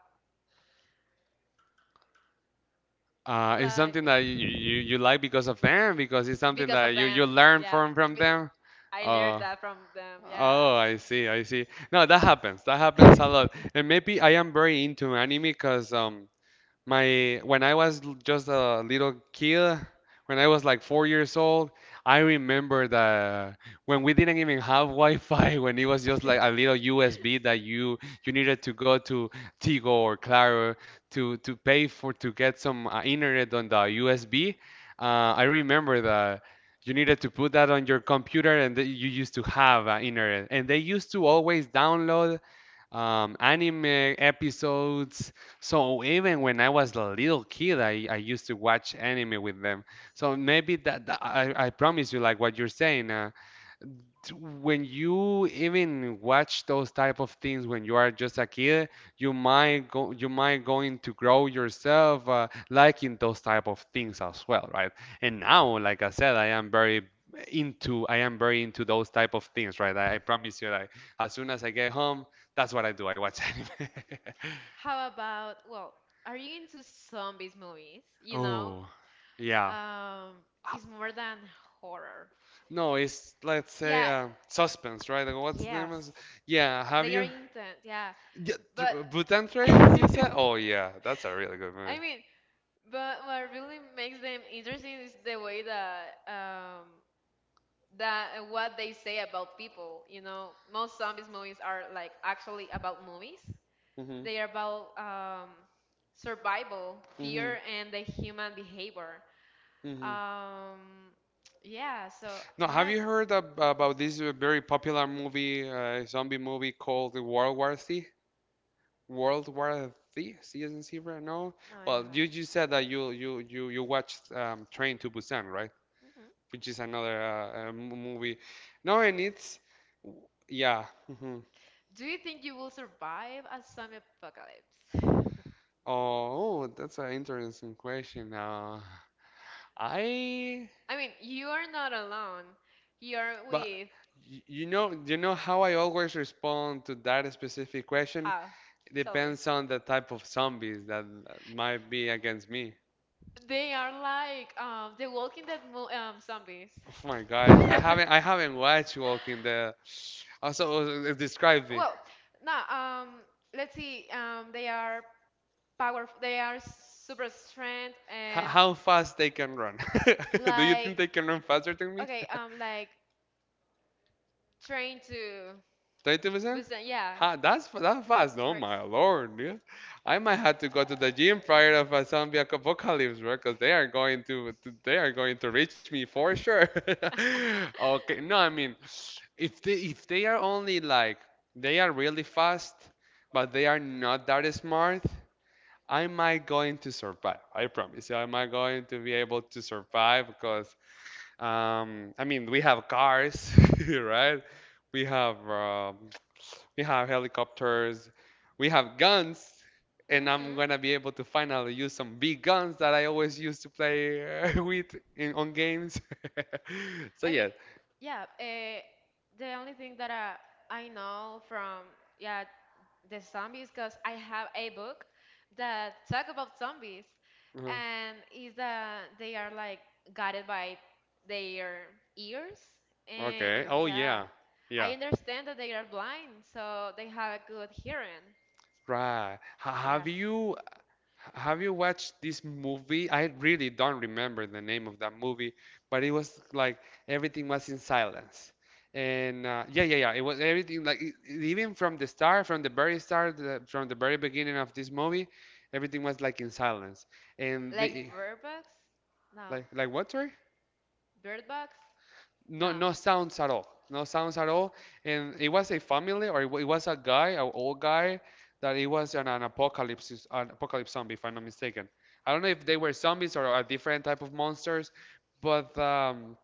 A: Uh, it's something
B: like
A: that you, you, you like because of them, because it's something
B: because
A: that
B: of
A: you,
B: them.
A: you learn
B: Yeah,
A: from from
B: Be-
A: them.
B: I learned
A: Oh,
B: that from them. Yeah.
A: oh, I see, I see. No, that happens. That happens a lot. And maybe I am very into anime because um, my when I was l- just a little kid, when I was like four years old, I remember that when we didn't even have Wi-Fi, when it was just like a little U S B that you you needed to go to Tigo or Claro to to pay for to get some uh, internet on the U S B. Uh, I remember that you needed to put that on your computer and that you used to have uh, internet, and they used to always download um, anime episodes. So even when I was a little kid, I, I used to watch anime with them. So maybe that, that- I, I promise you, like what you're saying, uh, t- when you even watch those type of things when you are just a kid, you might go, you might going to grow yourself uh, liking those type of things as well, right? And now, like I said, I am very into, I am very into those type of things, right? I, I promise you, like as soon as I get home, that's what I do. I watch anime.
B: How about, well, are you into zombies movies? You know,
A: Oh, yeah.
B: um,
A: Ha-
B: it's more than horror.
A: No, it's let's say
B: Yeah,
A: uh, suspense, right? Like, what's the name? Is...
B: yes.
A: Yeah, have
B: They are
A: you?
B: intense, yeah.
A: Yeah,
B: But
A: tr- Bhutan
B: I
A: Trains, you said? Oh yeah, that's a really good movie.
B: mean, but what really makes them interesting is the way that um that uh, what they say about people. You know, most zombies movies are like actually about movies.
A: Mhm.
B: They are about um, survival,
A: Mhm.
B: fear, and the human behavior.
A: Mhm.
B: Um, yeah, so
A: No,
B: I
A: have
B: have.
A: you heard ab- about this uh, very popular movie, uh, zombie movie called World War Z? World War Z, C as in zebra? No.
B: No, I
A: Well, you
B: haven't.
A: you said that you you you you watched um, Train to Busan, right?
B: Mhm.
A: Which is another uh, uh, m- movie. No, and it's yeah. Mhm.
B: Do you think you will survive a zombie apocalypse?
A: Oh, that's an interesting question. Uh, I
B: I mean, you are not alone. You are
A: but
B: with
A: y- you know you know how I always respond to that specific question?
B: how?
A: It
B: Tell me.
A: depends on the type of zombies that might be against me.
B: They are like um, the Walking Dead mo- um, zombies.
A: Oh my gosh, I haven't I haven't watched Walking Dead. Also, uh, describe me.
B: Well, no. Um, let's see. Um, they are powerful. They are s- super strength
A: H-
B: and
A: how fast they can run? Do you
B: like
A: think they can run faster than me?
B: okay. Um, like Trying to
A: twenty percent?
B: Busan. Yeah,
A: Ha, that's fa- that's fast.
B: for
A: Oh
B: ex-
A: my lord, dude. I might have to go to the gym prior of a zombie ac- apocalypse, bro, because they are going to, to they are going to reach me for
B: Mhm.
A: sure. Okay, no, I mean, if they if they are only like they are really fast, but they are not that smart, I might going to survive. I promise you, I might going to be able to survive because um, I mean, we have cars, right? We have um, we have helicopters, we have guns, and I'm gonna be able to finally use some big guns that I always used to play uh, with in on games. So
B: I mean,
A: yeah.
B: yeah. Uh, the only thing that I I know from yeah the zombies because I have a book that talk about zombies,
A: Uh-huh.
B: and is that they are like guided by their ears, and
A: Okay. Oh
B: yeah,
A: yeah.
B: I
A: Yeah.
B: understand that they are blind, so they have a good hearing.
A: Right. Ha- Have
B: Yes,
A: you Have you watched this movie? I really don't remember the name of that movie, but it was like everything was in silence. And uh, yeah, yeah, yeah. It was everything like e- e, even from the start, from the very start, the, from the very beginning of this movie, everything was like in silence. And
B: like
A: they
B: Bird Box? No,
A: like like what? Sorry.
B: Bird Box?
A: No,
B: No,
A: no sounds at all, no sounds at all. And it was a family or it, wa- it was a guy, an old guy, that it was an, an apocalypse, an apocalypse zombie, if I'm not mistaken. I don't know if they were zombies or a different type of monsters, but um,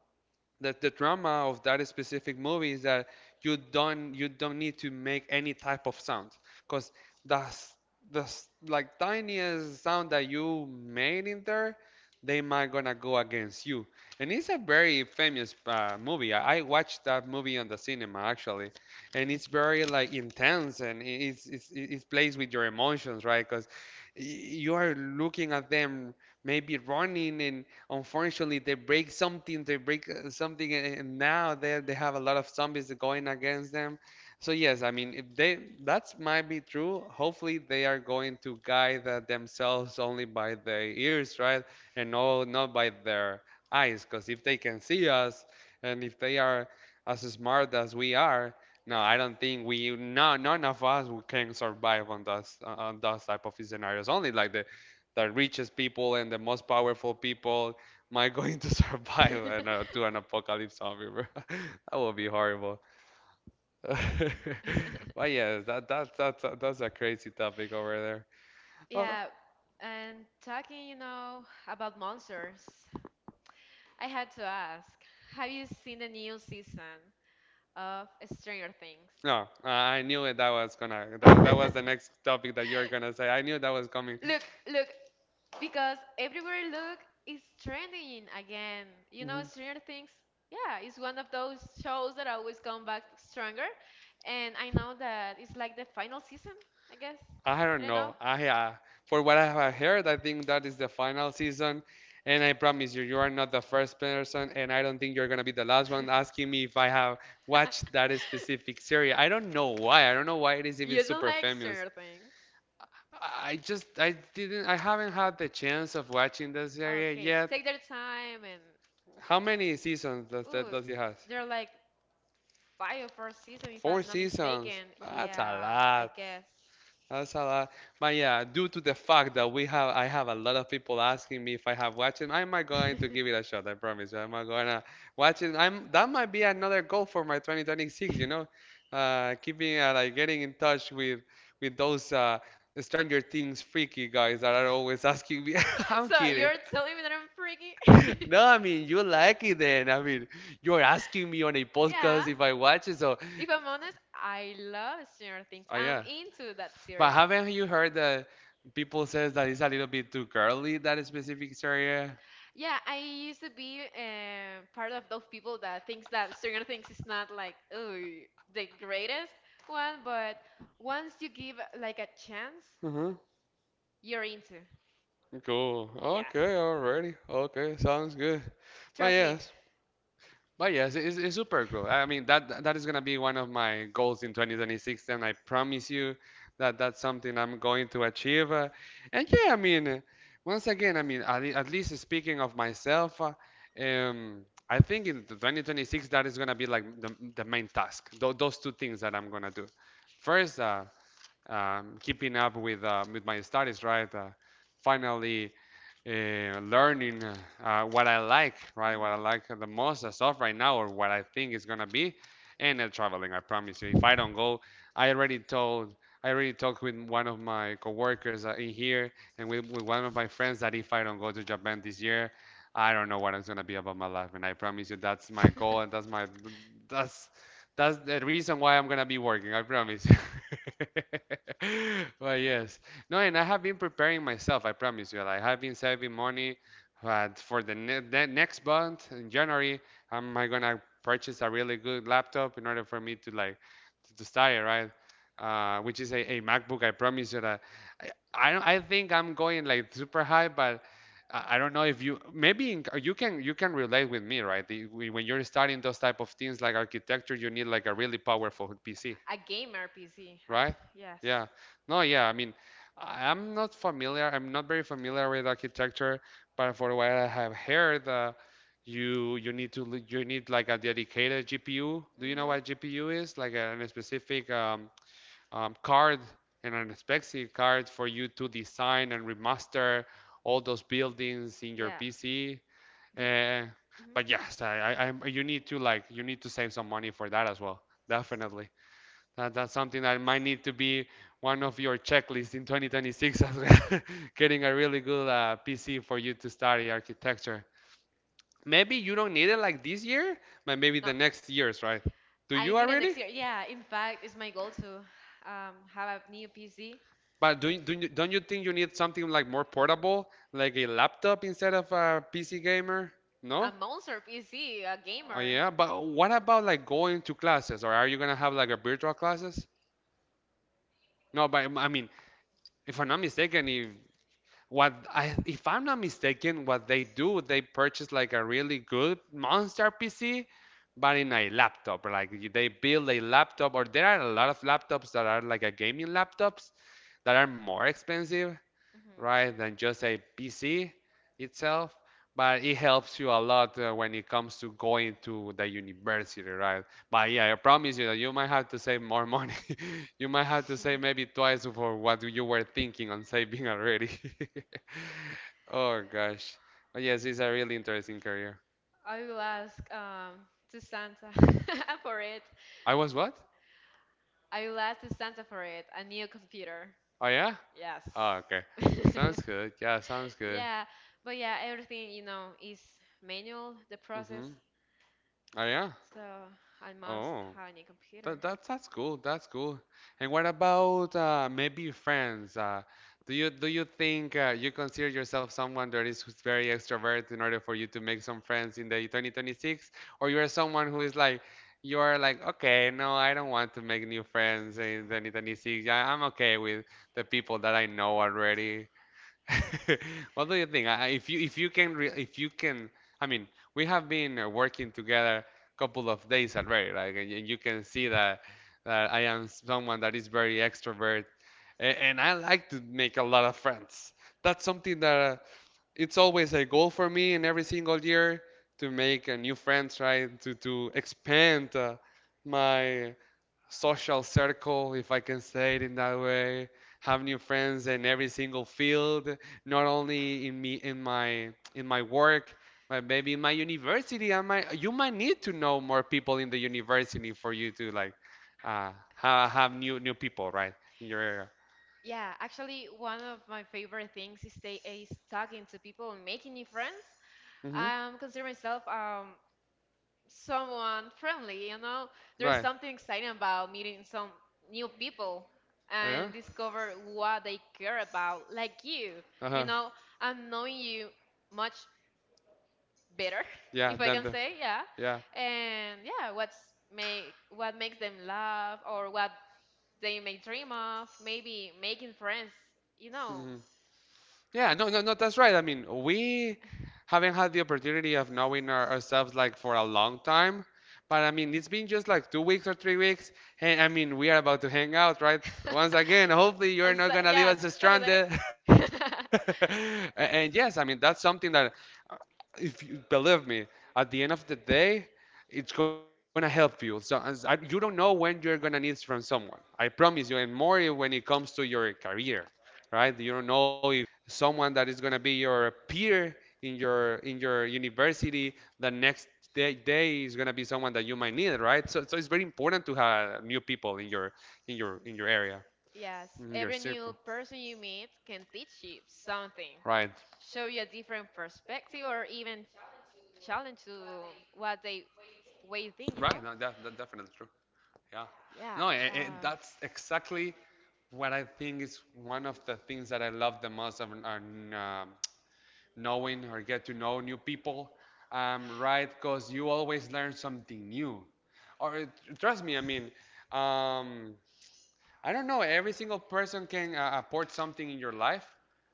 A: the, the drama of that specific movie is that you don't you don't need to make any type of sound, because that's that's like tiniest sound that you made in there, they might gonna go against you. And it's a very famous uh, movie. I, I watched that movie on the cinema actually, and it's very like intense, and it- it's it's it it plays with your emotions, right? Because you are looking at them maybe running, and unfortunately they break something, they break uh, something, and now they they have a lot of zombies going against them. So yes, I mean, if they, that might be true. Hopefully they are going to guide uh, themselves only by their ears, right? And no, not by their eyes, because if they can see us, and if they are as smart as we are, no,
B: yes.
A: I don't think we, no, none of us who can survive on those on those type of scenarios, only like the the richest people and the most powerful people. Am I going to survive an, uh, to an apocalypse zombie, bro? That would be horrible. But yeah, that that that's a- that's a crazy topic over there. Oh
B: Yeah, and talking, you know, about monsters, I had to ask, have you seen the new season of Stranger Things?
A: no, I knew it. That was gonna, that that was the next topic that you were gonna say. I knew that was coming.
B: Look, look, because everywhere I look is trending again. You know,
A: Mhm.
B: Stranger Things, yeah, it's one of those shows that always come back stronger. And I know that it's like the final season, I guess.
A: I
B: I
A: don't
B: don't know.
A: know. I, uh, for what I have heard, I think that is the final season, and I promise you, you are not the first person, and I don't think you're gonna be the last one asking me if I have watched that specific series. I don't know why. I don't know why it is even
B: You don't
A: super
B: like
A: famous.
B: Stranger Things?
A: I just I didn't I haven't had the chance of watching the series
B: Okay,
A: yet.
B: take their time, and
A: How many seasons does that
B: ooh,
A: does it have?
B: there are like five or four seasons, if
A: Four
B: I'm not
A: seasons.
B: mistaken.
A: That's a
B: Yeah, I
A: lot.
B: guess.
A: That's a lot. But yeah, due to the fact that we have, I have a lot of people asking me if I have watched it, I'm not going to give it a shot. I promise you. I'm not gonna watch it. I'm that might be another goal for my twenty twenty-six. You know, uh, keeping uh, like getting in touch with with those uh, Stranger Things freaky guys that are always asking me. I'm
B: So
A: kidding.
B: you're telling me that I'm freaky?
A: No, I mean you like it then. I mean, you're asking me on a
B: Yeah.
A: podcast if I watch it, so.
B: If I'm honest, I love Stranger Things.
A: Oh
B: I'm
A: yeah.
B: into that
A: But
B: series.
A: haven't you heard that people says that it's a little bit too girly, that specific area?
B: Yeah, I used to be uh, part of those people that thinks that Stranger Things is not like ooh, the greatest one, but once you give like a chance,
A: Mm-hmm.
B: you're into.
A: Cool.
B: Yes,
A: Okay, already. Okay, sounds good. But
B: trust me.
A: yeah, But yes, it's, it's super cool. I mean, that that is gonna be one of my goals in twenty twenty-six, and I promise you that that's something I'm going to achieve. Uh, and yeah, I mean, uh, once again, I mean, at, le- at least speaking of myself, uh, um, I think in twenty twenty-six that is gonna be like the, the main task. Tho- those two things that I'm gonna do. First, uh, um, keeping up with uh, with my studies, right? Uh, finally uh, learning uh, uh, what I like, right? What I
B: Mhm.
A: like the most as of right now, or what I think is gonna be, and uh, traveling. I promise you, if I don't go, I already told, I already talked with one of my coworkers uh, in here, and with, with one of my friends, that if I don't go to Japan this year, I don't know what it's gonna be about my life. And I promise you, that's my goal, and that's my, that's. That's the reason why I'm gonna be working, I promise. But yes, no, and I have been preparing myself, I promise you. Like, I have been saving money, but for the ne the next month in January, am I gonna purchase a really good laptop in order for me to like to, to start it, right? Uh, which is a, a MacBook. I promise you that. I, I don't. I think I'm going like super high, but I, I don't know if you maybe in, you can you can relate with me, right? The, when you're starting those type of things like architecture, you need like a really powerful P C,
B: A gamer P C,
A: right?
B: actually. Yes.
A: Yeah. No, yeah. I mean, I- am not familiar. I'm not very familiar with architecture, but for what I have heard, uh, you you need to li- you need like a dedicated G P U. Do you know
B: Mhm.
A: what G P U is? Like a, a specific um, um, card and an specific card for you to design and remaster all those buildings in your
B: Yeah.
A: P C.
B: Dep-
A: Uh,
B: mhm.
A: but yes, I, I, I'm, you need to like you need to save some money for that as well. Definitely. That, that's something that might need to be one of your checklists in twenty twenty-six as well. Getting a really good uh, P C for you to study architecture. Maybe you don't need it like this year, but maybe
B: No,
A: the next years, right? Do
B: I
A: you
B: need it
A: already?
B: next year. Yeah, in fact, it's my goal to um, have a new P C,
A: But do you, do you, don't you think you need something like more portable, like a laptop instead of a P C gamer?
B: a
A: No?
B: monster P C, a
A: Oh
B: gamer.
A: yeah, but what about like going to classes, or are you gonna have like a virtual classes? No, but I mean if I'm not mistaken, if what I if I'm not mistaken, what they do, they purchase like a really good monster P C, but in a laptop. Like they build a laptop, or there are a lot of laptops that are like a gaming laptops that are more expensive
B: Mhm.
A: right, than just a P C itself. But it helps you a lot uh, when it comes to going to the university, right? But yeah, I promise you that you might have to save more money. You might have to save maybe twice for what you were thinking on saving already. Oh gosh. But yes, it's a really interesting career.
B: I will ask um, to Santa for it.
A: I was what?
B: I will ask to Santa for it. A new computer.
A: Oh yeah?
B: Yes.
A: Oh, okay. Sounds good. Yeah, sounds good.
B: Yeah, but yeah, everything, you know, is manual, the
A: Mm-hmm.
B: process.
A: Oh yeah?
B: So I must
A: Oh.
B: have a new computer.
A: That, that's that's cool. That's cool. And what about uh, maybe friends? Uh, do you do you think uh, you consider yourself someone that is who's very extrovert in order for you to make some friends in the twenty twenty-six, or you are someone who is like you are like okay, no, I don't want to make new friends in twenty twenty-six. Yeah, I'm okay with the people that I know already. What do you think? I- If you if you can re if you can, I mean, we have been uh, working together couple of days already, right? And, you- you can see that that I am someone that is very extrovert, and, and I like to make a lot of friends. That's something that uh, it's always a goal for me in every single year to make uh, new friends, right? To to expand uh, my social circle, if I can say it in that way. Have new friends in every single field, not only in me in my in my work, but maybe in my university. I might you might need to know more people in the university for you to like uh, have, have new new people, right, in your area.
B: Yeah, actually, one of my favorite things is, stay, is talking to people and making new friends.
A: Hmm.
B: I Um, consider myself um, someone friendly, you know? There's
A: Right.
B: something exciting about meeting some new people
A: Yeah.
B: and discover what they care about, like you. You
A: Uh-huh.
B: know, I'm knowing you much better,
A: Yeah,
B: if I
A: then
B: can
A: the,
B: say, yeah.
A: yeah.
B: And yeah, what's make what makes them laugh or what they may dream of, maybe making friends, you know.
A: Hmm. Yeah, no, no, no, that's right. I mean, we haven't had the opportunity of knowing our, ourselves like for a long time. But I mean, it's been just like two weeks or three weeks. And I mean, we are about to hang out, right? Once again, hopefully
B: On
A: you're not
B: Sa-
A: gonna leave
B: yeah,
A: us
B: Saturday.
A: stranded. A- And yes, I mean, that's something that, uh, if you believe me, at the end of the day, it's gonna help you. So as I, you don't know when you're gonna need from someone. I promise you, and more when it comes to your career, right? You don't know if someone that is going to be your peer in your in your university the next day, day is going to be someone that you might need, right? So, so it's very important to have new people in your in your in your area
B: Yes,
A: in your
B: every new
A: circle.
B: person you meet can teach you something,
A: Right,
B: show you a different perspective, or even challenge to what they way you think, you know?
A: right. No, that, that definitely true. Yeah.
B: Yeah.
A: No, it,
B: Uh,
A: it, that's exactly what I think is one of the things that I love the most of an- um, knowing or get to know new people, um, right? Because you always learn something new. Or trust me, I mean, um, I don't know. Every single person can uh, apport something in your life,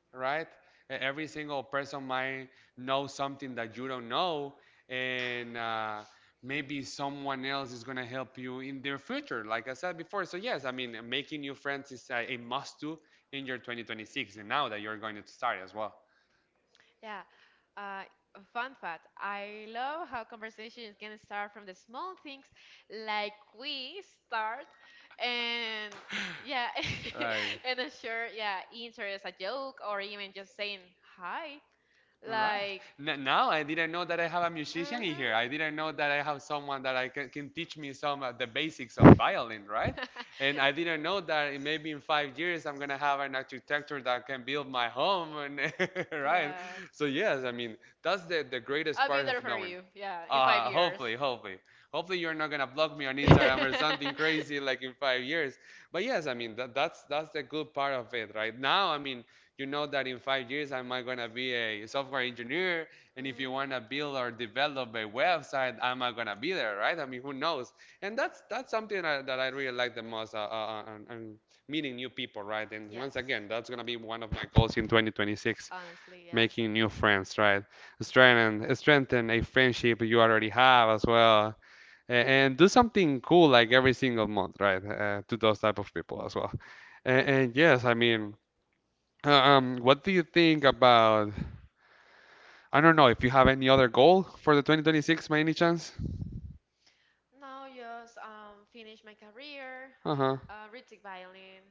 A: right? E- Every single person might know something that you don't know, and uh, maybe someone else is gonna help you in their future. Like I said before, so yes, I mean, making new friends is uh, a must do in your twenty twenty-six, and now that you're going to start as well.
B: yeah. Uh, a fun fact: I love how conversations can start from the small things, like we start, and yeah,
A: Right.
B: and a sure, yeah, interest, a joke, or even just saying hi.
A: All right.
B: Like,
A: N- now I didn't know that I have a musician in
B: mhm.
A: here. I didn't know that I have someone that I can, can teach me some of the basics of violin, right? And I didn't know that in- maybe in five years I'm gonna have an architecture that can build my home, and right?
B: yeah.
A: So yes, I mean that's the the greatest
B: I'll be
A: part of
B: there for
A: knowing.
B: you. Yeah, in five
A: Uh,
B: years.
A: hopefully, hopefully, hopefully you're not gonna block me on Instagram or something crazy like in five years. But yes, I mean that, that's that's the good part of it, right? Now, I mean you know that in five years I'm going to be a software engineer, and if you
B: Mhm.
A: want to build or develop a website, I'm going to be there, right? I mean, who knows? And that's that's something that, that I really like the most, uh, uh, uh, uh, and, and meeting new people, right? And
B: Yes.
A: once again, that's going to be one of my goals in twenty twenty-six,
B: Honestly, yeah.
A: making new friends, right? Strengthen strengthen a friendship you already have as well, a- and do something cool like every single month, right? Uh, to those type of people as well. And, and yes, I mean. Uh, Um, what do you think about, I don't know, if you have any other goal for the twenty twenty-six by any chance?
B: Now just um finish my career,
A: Uh-huh.
B: uh retake violin,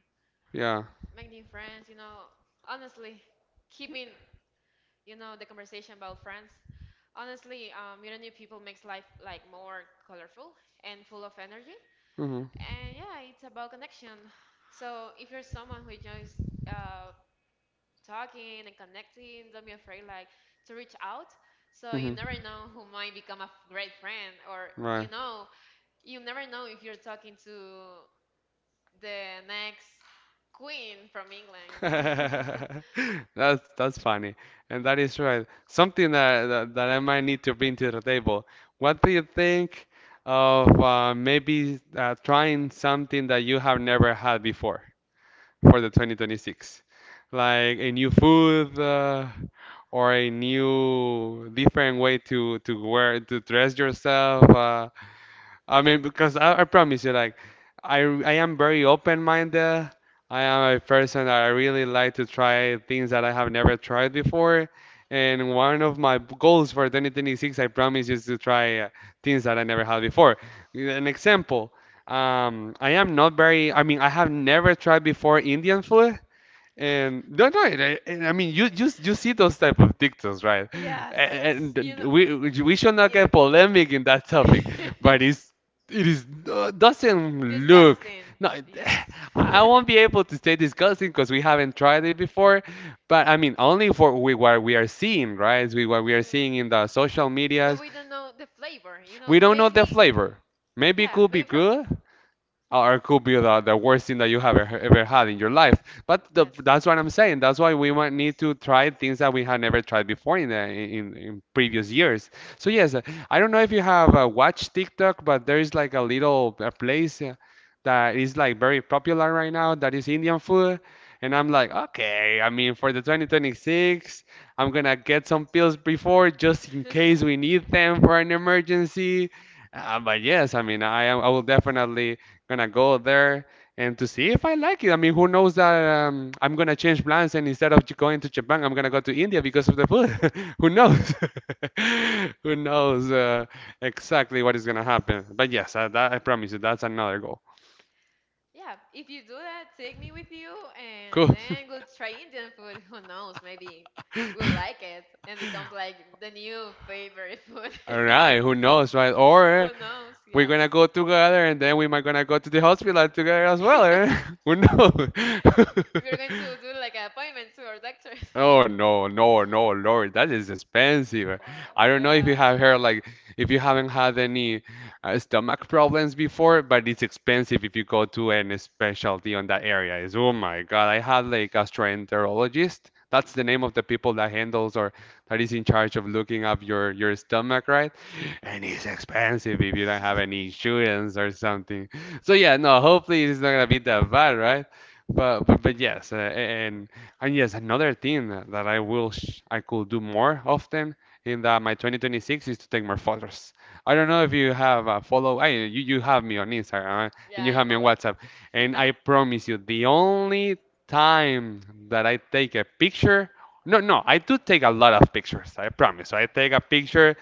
A: Yeah.
B: make new friends, you know. Honestly, keeping you know the conversation about friends. Honestly, um meeting new people makes life like more colorful and full of energy.
A: Mm-hmm.
B: And yeah, it's about connection. So if you're someone who enjoys uh talking and connecting. Don't be afraid, like, to reach out. So you
A: Mm-hmm.
B: never know who might become a f- great friend, or you
A: Right.
B: know, you never know if you're talking to the next queen from England, you know?
A: That's that's funny, and that is right. Something that, that that I might need to bring to the table. What do you think of uh, maybe uh, trying something that you have never had before? For the twenty twenty-six like a new food uh, or a new different way to to wear to dress yourself uh, I mean, because I, I promise you, like, I I am very open-minded. I am a person that I really like to try things that I have never tried before. And one of my b- goals for twenty twenty-six, I promise, is to try uh, things that I never had before. An example, um, I am not very, I mean, I have never tried before Indian food. And no, no, and I, and I mean, you, you you see those type of TikToks, right?
B: Yes, s-
A: And,
B: you
A: and
B: know,
A: we we should not
B: you.
A: get polemic in that topic, but it's it is uh, doesn't look.
B: Disgusting.
A: No, it-
B: Yes.
A: I I won't be able to stay discussing because we haven't tried it before. But
B: hmm
A: I mean, only for we, what we are seeing, right? We what we are seeing in the social
B: But
A: medias.
B: we don't know the flavor, you know?
A: We don't know the
B: Maybe,
A: flavor. Maybe it
B: yeah,
A: could be
B: maybe from.
A: good or it could be the, the worst thing that you have ever,
B: Hmm.
A: ever had in your life. But the,
B: Yes.
A: that's what I'm saying. That's why we might need to try things that we have never tried before in the, in, in previous years. So yes, uh, I don't know if you have uh, watched TikTok, but there is like a little uh place uh, that is like very popular right now that is Indian food. And I'm like, okay, I mean, for the twenty twenty-six, I'm gonna get some pills before just in case we need them for an emergency. Uh, but yes, I mean, I am. I will definitely gonna go there and to see if I like it. I mean, who knows that um, I'm gonna change plans and instead of j- going to Japan, I'm gonna go to India because of the food. Who knows? Who knows uh, exactly what is gonna happen? But yes, I, that, I promise you, that's another goal.
B: Yeah, if you do that, take me with you and
A: Cool.
B: then we'll try Indian food. Who knows? Maybe we'll like it and becomes like the new favorite food.
A: All right, who knows, right?
B: Who
A: Or
B: knows?
A: we're
B: Yes.
A: gonna go together, and then we might gonna go to the hospital together as well. Eh? Who knows?
B: We're going to do like an appointment to our doctor.
A: Oh no, no, no, Lord, that is expensive.
B: Wow,
A: I don't know if you have
B: yes.
A: heard like if you haven't had any uh, stomach problems before, but it's expensive if you go to any specialty on that area. Is oh my God, I had like gastroenterologist. That's the name of the people that handles or that is in charge of looking up your your stomach, right? And it's expensive if you don't have any insurance or something. So yeah, no, hopefully it's not gonna be that bad, right? But but, but yes, uh, and and yes, another thing that that I will sh I could do more often in that my twenty twenty-six is to take more photos. I don't know if you have a follow. I, you you have me on Instagram, right?
B: Yeah,
A: And you
B: I
A: have me on
B: follow.
A: WhatsApp, and I promise you, the only time that I take a picture no, no, I do take a lot of pictures. I promise. I take a picture.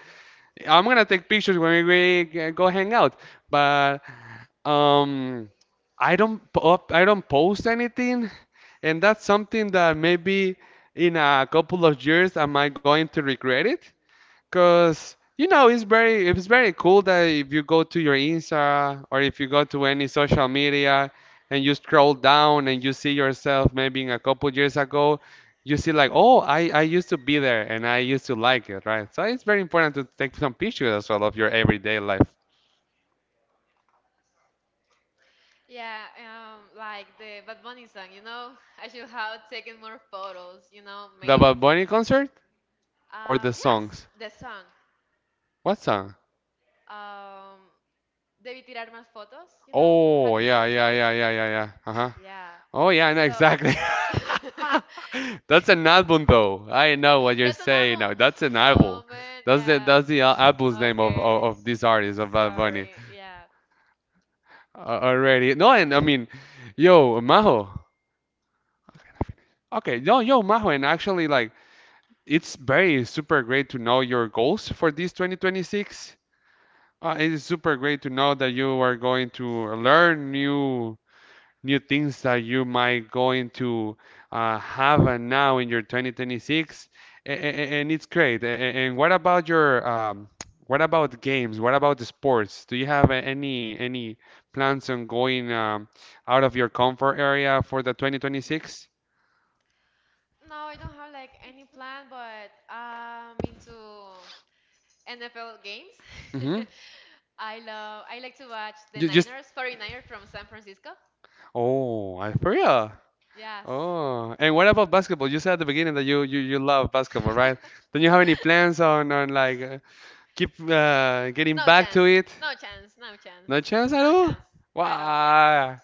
A: I'm gonna take pictures when we g- go hang out. But um, I don't po- up, I don't post anything, and that's something that maybe in a couple of years am I going to regret it? Cause you know it's very it's very cool that if you go to your Insta or if you go to any social media and you scroll down and you see yourself maybe in a couple years ago, you see like, oh, I, I used to be there and I used to like it, right? So it's very important to take some pictures as well of your everyday life.
B: Yeah, um, like the Bad Bunny song, you know, I should have taken more photos, you know,
A: The
B: made,
A: Bad Bunny concert or
B: um,
A: the
B: yes,
A: songs?
B: the song,
A: What song?
B: um, Debí tirar más fotos, you know, have you
A: Oh,
B: heard
A: yeah,
B: of
A: yeah,
B: those?
A: yeah, yeah, yeah, yeah. Uh-huh.
B: Yeah,
A: Oh yeah, I know
B: so,
A: exactly. That's an album though. I know what you're
B: that's an
A: saying
B: album.
A: now. That's an
B: Oh
A: album.
B: man,
A: That's the
B: yes.
A: that's the al- album's name of, of
B: Okay,
A: of this artist of Bad Bunny.
B: sorry, yeah.
A: Uh, already. No, and I mean, yo, Maho. Okay, yo, yo, Maho, and actually, like, it's very super great to know your goals for this twenty twenty-six. Uh, it is super great to know that you are going to learn new new things that you might going to uh, have uh, now in your twenty twenty-six a- and and it's great A- a- and what about your um, what about games, what about the sports, do you have uh, any any plans on going um, out of your comfort area for the twenty twenty-six?
B: No, I don't have like any plan, but I'm into N F L games.
A: Mm-hmm.
B: I love I like to watch the
A: Just
B: Niners, 49ers from San Francisco.
A: Oh, I for real?
B: Yes.
A: Oh, and what about basketball? You said at the beginning that you you, you love basketball, right? Don't you have any plans on on like keep uh, getting
B: no
A: back
B: chance.
A: to it.
B: No chance. No chance.
A: No chance at
B: No
A: all?
B: chance at all. Yes.
A: Wow.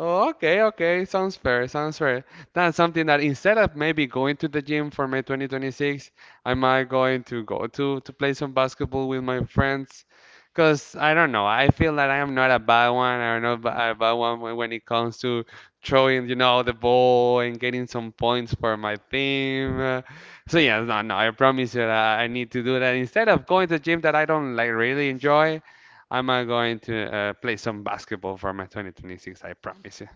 A: Oh, okay, okay. Sounds fair. Sounds fair. That's something that instead of maybe going to the gym for my twenty twenty-six, I might going to go to to play some basketball with my friends. Cause I don't know. I feel that I am not a bad one. I am not ba- a bad one when when it comes to throwing, you know, the ball and getting some points for my team. Uh, So yeah, no, no. I promise you that I need to do that. Instead of going to gym that I don't like really enjoy, I'm uh, going to uh, play some basketball for my twenty twenty-six. I promise you.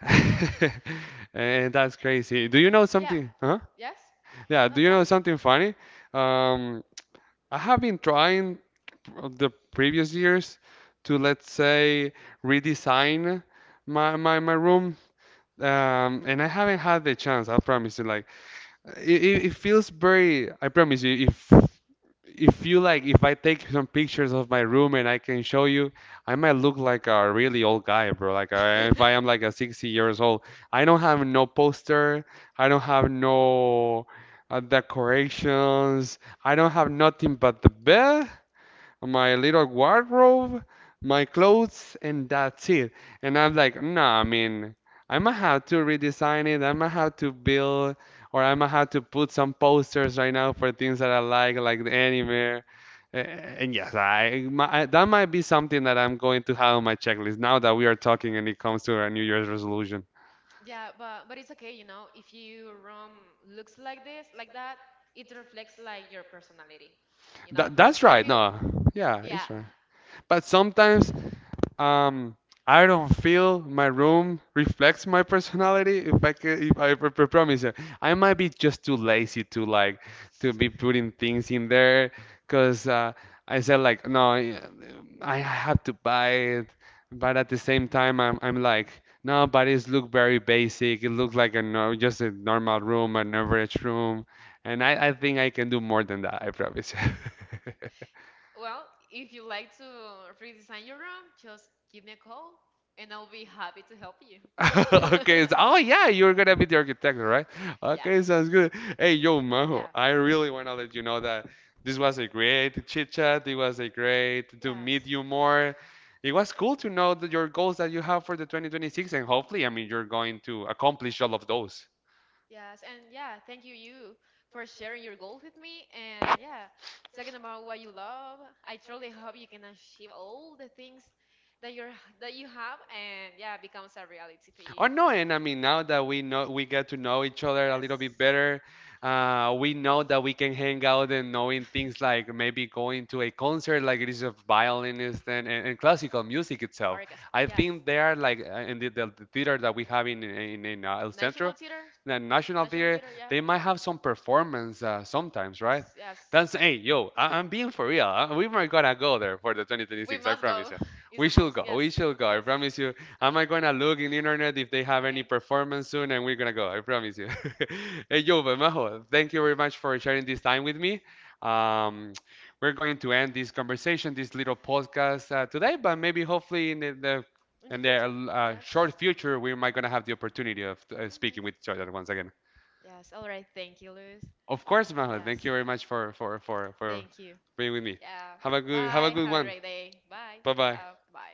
A: And that's crazy. Do you know
B: yeah.
A: something? Huh?
B: Yes.
A: Yeah,
B: No,
A: do you
B: tell
A: know
B: me.
A: something funny? Um, I have been trying the previous years to, let's say, redesign my my, my room. Um, and I haven't had the chance, I promise you. Like, it, it it feels very, I promise you, it if you like, if I take some pictures of my room and I can show you, I might look like a really old guy, bro. Like uh, if I am like a sixty years old, I don't have no poster, I don't have no uh, decorations, I don't have nothing but the bed my little wardrobe, my clothes, and that's it. And I'm like, nah, I mean, I'm gonna have to redesign it. I'm gonna have to build, or I'm gonna have to put some posters right now for things that I like, like the anime. Uh, And yes, I, my, I- that might be something that I'm going to have on my checklist now that we are talking and it comes to our New Year's resolution.
B: yeah, but but it's okay, you know. If your room looks like this, like that, it reflects like your personality. You know,
A: That, that's
B: I
A: right.
B: feel.
A: No, yeah,
B: Yeah,
A: it's right. But sometimes Um, I don't feel my room reflects my personality. If I could, if I pr- pr- promise you, I might be just too lazy to like to be putting things in there. Cause uh, I said like, no, I I have to buy it. But at the same time, I'm I'm like, no, but it look very basic. It looks like a no, just a normal room, an average room. And I I think I can do more than that. I promise.
B: Well, if you like to redesign your room, just give me a call and I'll be happy to help you.
A: Okay. it's- oh yeah, you're gonna be the architect, right?
B: Yes.
A: Okay, sounds good. Hey, yo,
B: Yeah.
A: Maho, I really wanna let you know that this was a great chit chat. It was a great to
B: Yes.
A: meet you more. It was cool to know that your goals that you have for the twenty twenty-six, and hopefully, I mean, you're going to accomplish all of those.
B: Yes, and yeah, thank you you for sharing your goals with me and yeah, talking about what you love. I truly hope you can achieve all the things that you're that you have and yeah, becomes a reality for you.
A: Or no, and I mean now that we know we get to know each other a
B: Yes.
A: little bit better, uh, we know that we can hang out and knowing things like maybe going to a concert like it is of violinist and, and, and classical music itself.
B: Orchestra.
A: I
B: Yes.
A: think they are like uh, in the, the, the theater that we have in in, in uh, El
B: National
A: Centro,
B: Theater?
A: the National
B: National
A: Theater,
B: Theater, yeah.
A: they might have some performance uh, sometimes,
B: S-
A: right?
B: Yes.
A: That's hey yo, I, I'm being for real. Uh, we are gonna go there for the
B: We
A: twenty twenty-six. I
B: must go.
A: promise you.
B: Is a
A: We
B: most.
A: should go.
B: Yes.
A: We should go.
B: Yes.
A: I promise you am I gonna look in the internet if they have
B: Okay.
A: any performance soon and we're gonna go, I promise you. Hey, yo, Majo, thank you very much for sharing this time with me. Um, we're going to end this conversation, this little podcast uh, today, but maybe hopefully in the, the
B: In the
A: in
B: future?
A: the
B: Yes.
A: uh, short future, we might gonna have the opportunity of uh,
B: Hmm.
A: speaking with each other once again.
B: Yes. All right. Thank you, Luis.
A: Of course, Majo,
B: Yes.
A: thank you very much for for for for
B: Thank you.
A: being with me.
B: Yeah.
A: Have a good have
B: Bye.
A: a good
B: Have a great
A: one.
B: day. Bye.
A: Bye bye.
B: Ciao. Bye.